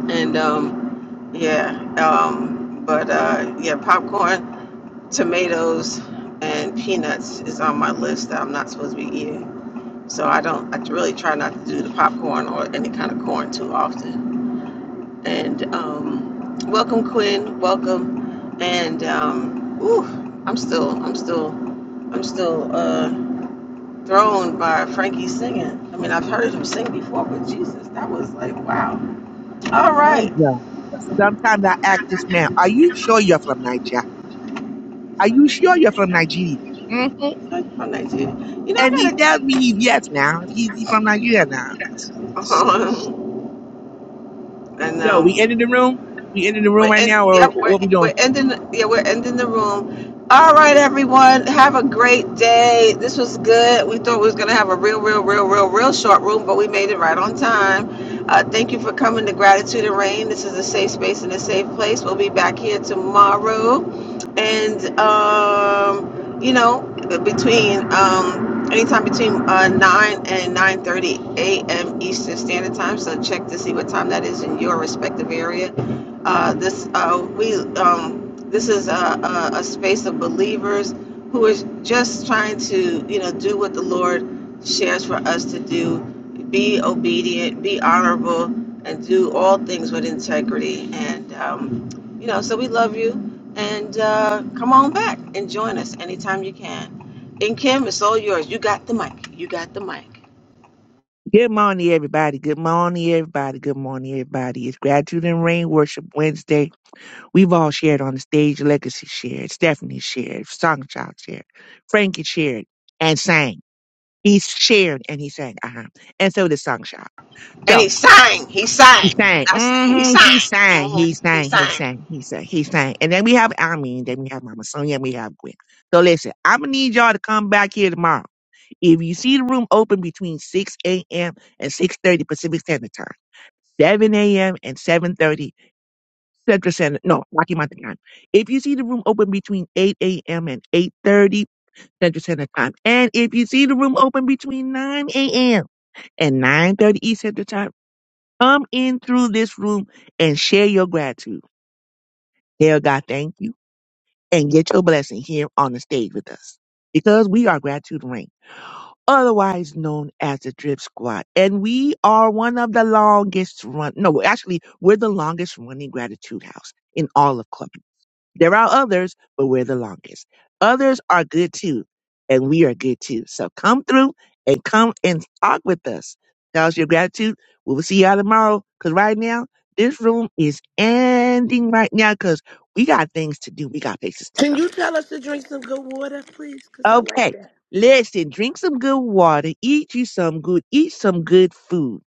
Speaker 1: And um, yeah. Um, but uh, yeah, popcorn, tomatoes, and peanuts is on my list that I'm not supposed to be eating. So I don't. I really try not to do the popcorn or any kind of corn too often. And um, welcome, Quinn. Welcome. And um, ooh, I'm still. I'm still I'm still uh, thrown by Frankie singing. I mean, I've heard him sing before, but Jesus, that was like, wow. All
Speaker 9: boom?
Speaker 1: right.
Speaker 9: Sometimes I ask this man, Are you sure you're from Nigeria? Are you sure you're from Nigeria? hmm
Speaker 1: Like from Nigeria. You know, I
Speaker 9: And he
Speaker 1: got to
Speaker 9: tells
Speaker 1: check
Speaker 9: me he's yes now. He's he from Nigeria now.
Speaker 1: on. I
Speaker 9: So
Speaker 1: know.
Speaker 9: we entered the room. We entered the
Speaker 1: We're
Speaker 9: room right now,
Speaker 1: in,
Speaker 9: or
Speaker 1: yep, we're,
Speaker 9: what we doing?
Speaker 1: we're ending, yeah, we're ending the room. All right, everyone, have a great day. This was good. We thought we was going to have a real, real, real, real, real short room, but we made it right on time. Uh, thank you for coming to Gratitude and Rain. This is a safe space and a safe place. We'll be back here tomorrow. And, um, you know, between, um, anytime between uh, 9 and 9.30 a.m. Eastern Standard Time. So check to see what time that is in your respective area uh, this uh, we um, this is a, a, a space of believers who is just trying to you know do what the Lord shares for us to do, be obedient, be honorable, and do all things with integrity. And um, you know, so we love you, and uh, come on back and join us anytime you can. And Kim, it's all yours. You got the mic. You got the mic.
Speaker 9: Good morning, everybody. Good morning, everybody. Good morning, everybody. It's Gratitude and Rain Worship Wednesday. We've all shared on the stage. Legacy shared, Stephanie shared, Songchild shared, Frankie shared, and sang. He shared and he sang. Uh-huh. And so did Songchild.
Speaker 1: And he sang. He
Speaker 9: He
Speaker 1: sang.
Speaker 9: sang.
Speaker 1: Not sang. He
Speaker 9: hmm He
Speaker 1: sang.
Speaker 9: sang.
Speaker 1: hmm
Speaker 9: He
Speaker 1: He
Speaker 9: sang. He
Speaker 1: sang.
Speaker 9: sang. He sang. He sang. And then we have Almeen. Then we have Mama Sonia. And we have Gwen. So listen, I'm gonna need y'all to come back here tomorrow. If you see the room open between 6 a.m. and 6:30 Pacific Standard Time, 7 a.m. and 7:30 Central Standard. No, Rocky Mountain Time. If you see the room open between 8 a.m. and 8:30 Central Standard Time, and if you see the room open between 9 a.m. and 9:30 East Central Time Come in through this room and share your gratitude. Tell God thank you and get your blessing here on the stage with us because we are Gratitude Rain, otherwise known as the Drip Squad. And we are one of the longest run, no, actually, we're the longest running gratitude house in all of Clubhouse. There are others, but we're the longest. Others are good too, and we are good too. So come through and come and talk with us. Tell us your gratitude. We will see y'all tomorrow. Cause right now, this room is ending right now because we got things to do. We got places to
Speaker 8: Can
Speaker 9: go.
Speaker 8: you tell us to drink some good water, please? Because I like
Speaker 9: Okay.
Speaker 8: that.
Speaker 9: Listen, drink some good water, eat you some good, eat some good food,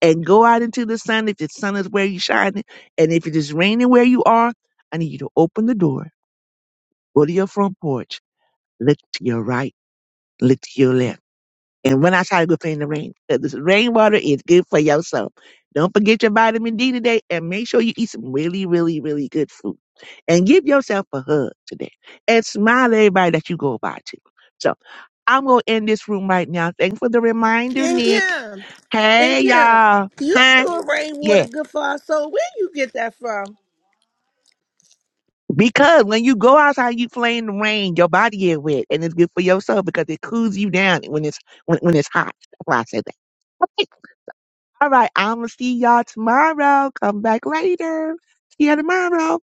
Speaker 9: and go out into the sun if the sun is where you're shining. And if it is raining where you are, I need you to open the door, go to your front porch, look to your right, look to your left. And when I try to go play in the rain, 'cause this rainwater is good for your soul. Don't forget your vitamin D today and make sure you eat some really, really, really good food. And give yourself a hug today. And smile at everybody that you go by to. So I'm gonna end this room right now. Thanks for the reminder,
Speaker 8: And
Speaker 9: Nick.
Speaker 8: Kim, and
Speaker 9: Hey
Speaker 8: Kim,
Speaker 9: y'all.
Speaker 8: you
Speaker 9: Huh?
Speaker 8: sure
Speaker 9: Yeah.
Speaker 8: rainwater good for our soul? Where you get that from?
Speaker 9: Because when you go outside, you play in the rain, your body is wet, and it's good for your soul because it cools you down when it's when, when it's hot. That's why I said that. Okay. All right, I'm gonna see y'all tomorrow. Come back later. See you tomorrow.